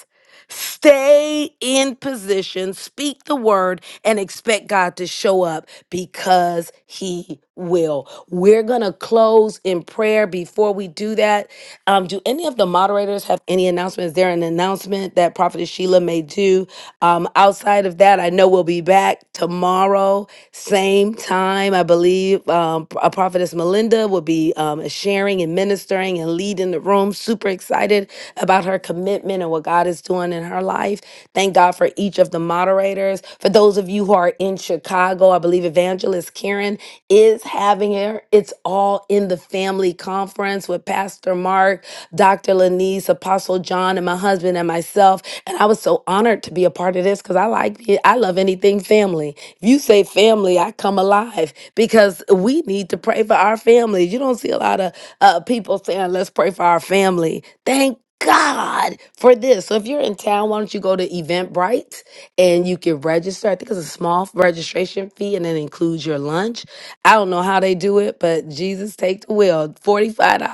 [SPEAKER 1] Stay in position, speak the word, and expect God to show up because He will. We're going to close in prayer before we do that. Um, do any of the moderators have any announcements? Is there an announcement that Prophetess Sheila may do? Um, outside of that, I know we'll be back tomorrow, same same time, I believe um, a prophetess Melinda will be um, sharing and ministering and leading the room. Super excited about her commitment and what God is doing in her life. Thank God for each of the moderators. For those of you who are in Chicago, I believe Evangelist Karen is having her It's All in the Family conference with Pastor Mark. Mark, Dr. Lanise, Apostle John, and my husband and myself. And I was so honored to be a part of this because I like it. I love anything family. If you say family, I come alive because we need to pray for our families. You don't see a lot of uh, people saying, let's pray for our family. Thank God for this. So if you're in town, why don't you go to Eventbrite and you can register? I think it's a small registration fee and it includes your lunch. I don't know how they do it, but Jesus take the wheel. $45.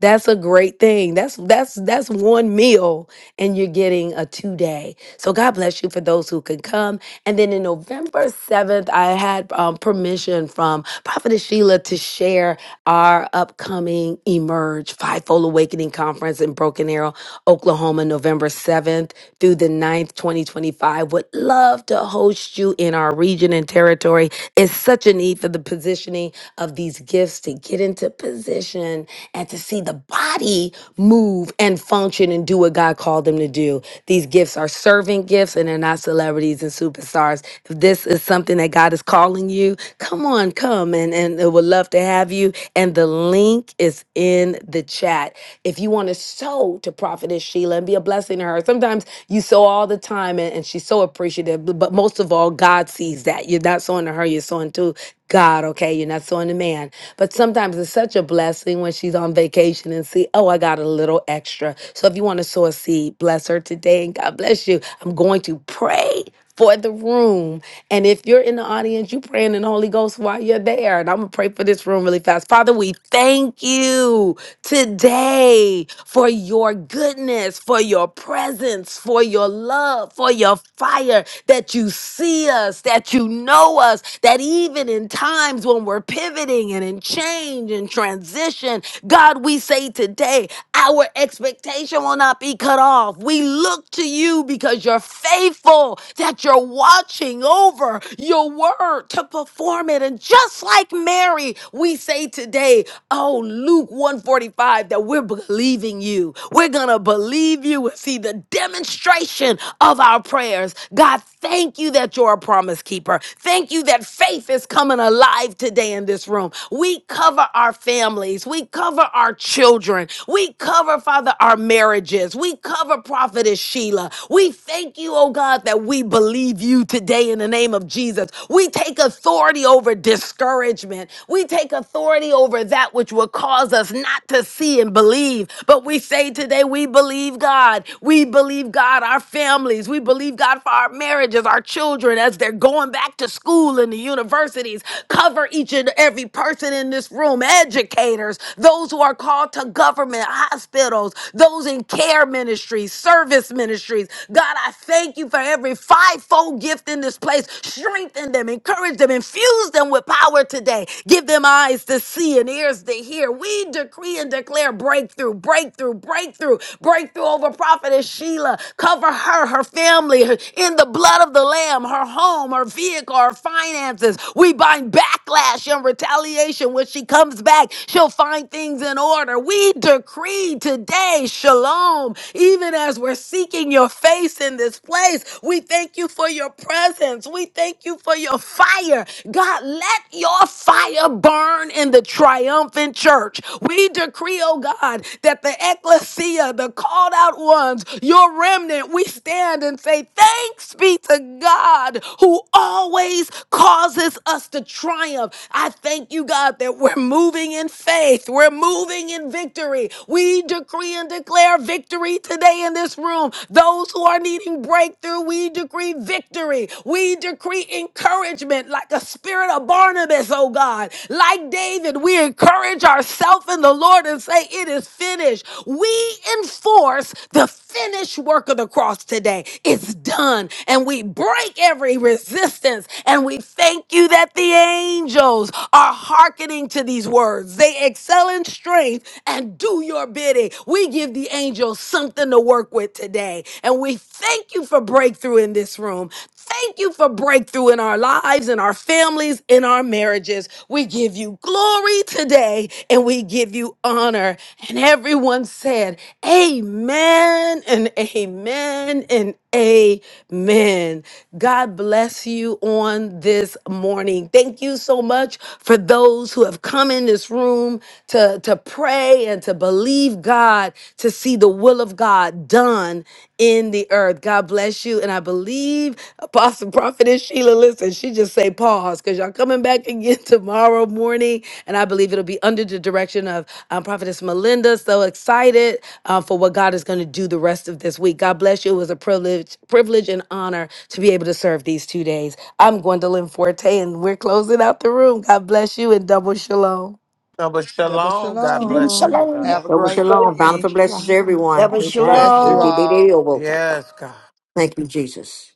[SPEAKER 1] That's a great thing. That's that's that's one meal and you're getting a two day. So God bless you for those who can come. And then in November 7th, I had um, permission from Prophetess Sheila to share our upcoming Emerge Fivefold Awakening Conference in Broken Arrow, Oklahoma, November 7th through the ninth, 2025. Would love to host you in our region and territory. It's such a need for the positioning of these gifts to get into position and to see the body move and function and do what God called them to do. These gifts are servant gifts and they're not celebrities and superstars. If this is something that God is calling you, come on, come and, and we would love to have you. And the link is in the chat. If you want to sow to Prophetess Sheila and be a blessing to her, sometimes you sow all the time and, and she's so appreciative but most of all, God sees that. You're not sowing to her, you're sowing to God, okay? You're not sowing to man. But sometimes it's such a blessing when she's on vacation and see, oh, I got a little extra. So if you want to sow a seed, bless her today and God bless you. I'm going to pray for the room. And if you're in the audience, you praying in the Holy Ghost while you're there. And I'm gonna pray for this room really fast. Father, we thank you today for your goodness, for your presence, thanks for your love, for your fire, that you see us, that you know us, that even in times when we're pivoting and in change and transition, God, we say today, our expectation will not be cut off. We look to you because you're faithful, that you're watching over your word to perform it. And just like Mary, we say today, oh, Luke 145, that we're believing you you. We're going to believe you and see the demonstration of our prayers. God, thank you that you're a promise keeper. Thank you that faith is coming alive today in this room. We cover our families. We cover our children. We cover, Father, our marriages. We cover Prophetess Sheila. We thank you, oh God, that we believe you today in the name of Jesus. We take authority over discouragement. We take authority over that which will cause cause us not to see and believe. But we say today, we believe God. We believe God, our families. We believe God for our marriages, our children, as they're going back to school and the universities. Cover each and every person in this room, educators, those who are called to government, hospitals, those in care ministries, service ministries. God, I thank you for every fivefold gift in this place. Strengthen them, encourage them, infuse them with power today today. Give them eyes to see and ears to hear. We decree and declare breakthrough, breakthrough, breakthrough, breakthrough over Prophetess Sheila. Cover her, her family, her- in the blood of the Lamb, her home, her vehicle, her finances. We bind backlash and retaliation. When she comes back, she'll find things in order. We decree today, shalom, even as we're seeking your face in this place. We thank you for your presence. We thank you you for your fire. God, let your fire burn in the triumphant church. We decree, oh God, that the ecclesia, the called out ones, your remnant, we stand and say, Thanks be to God who always causes us to triumph. I thank you, God, that we're moving in faith, we're moving in victory. We decree and declare victory today in this room. Those who are needing breakthrough, we decree victory. We decree encouragement like the spirit of Barnabas, oh God. Like David, we encourage ourselves in the Lord and say, It is finished. We enforce the finished work of the cross today. It's done. And we break every resistance. And we thank you that the angels are hearkening to these words. They excel in strength and do your bidding. We give the angels something to work work with today. And we thank you for breakthrough in this room. Thank you for breakthrough in our lives, in our families, in our marriages. We give you glory today and we give you honor. And everyone said, Amen and amen and Amen. God bless you on this morning. Thank you so much for those who have come in this room to, to pray and to believe God to see the will of God done in the earth. God bless you. And I believe Apostle Prophetess Sheila, listen, she just to say pause because y'all coming back again tomorrow morning, and I believe it'll be under the direction of um, Prophetess Melinda. So excited uh, for what God is going to do the rest of this week. God bless you. It was a privilege, privilege and honor to be able to serve these two days. I'm Gwendolyn Forte, and we're closing out the room. God bless you and double shalom.
[SPEAKER 2] No, but
[SPEAKER 3] double
[SPEAKER 2] shalom. God
[SPEAKER 14] Shalom,
[SPEAKER 2] bless
[SPEAKER 3] Shalom.
[SPEAKER 14] shalom.
[SPEAKER 2] everybody.
[SPEAKER 3] Have a
[SPEAKER 19] Shalom,
[SPEAKER 12] Double
[SPEAKER 3] great
[SPEAKER 12] shalom.
[SPEAKER 19] shalom.
[SPEAKER 3] day.
[SPEAKER 12] Bountiful blessings
[SPEAKER 6] worthy.
[SPEAKER 12] to everyone.
[SPEAKER 10] Double
[SPEAKER 12] Amen.
[SPEAKER 3] Bless you
[SPEAKER 10] shalom.
[SPEAKER 3] all.
[SPEAKER 2] Yes, God.
[SPEAKER 12] Thank you, Jesus.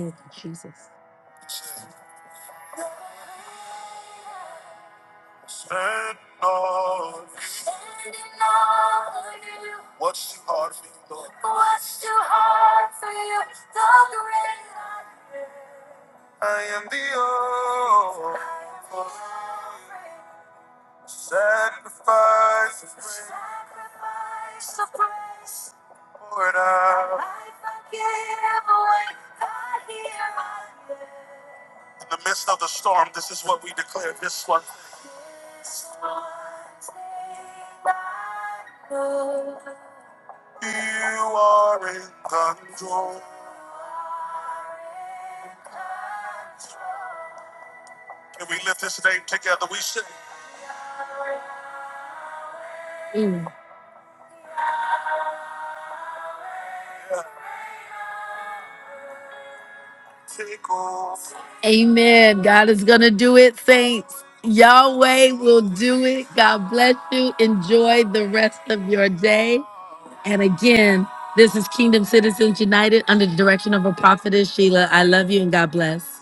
[SPEAKER 1] Thank you, Jesus. Stand on What's too hard for you, Lord? I am the old sacrifice. Lord, uh, In the midst of the storm, this is what we declare this one. You are in control. Can we lift this name together? We should take over. Amen. God is going to do it, saints. Yahweh will do it. God bless you. Enjoy the rest of your day. And again, this is Kingdom Citizens United under the direction of a prophetess, Sheila. I love you and God bless.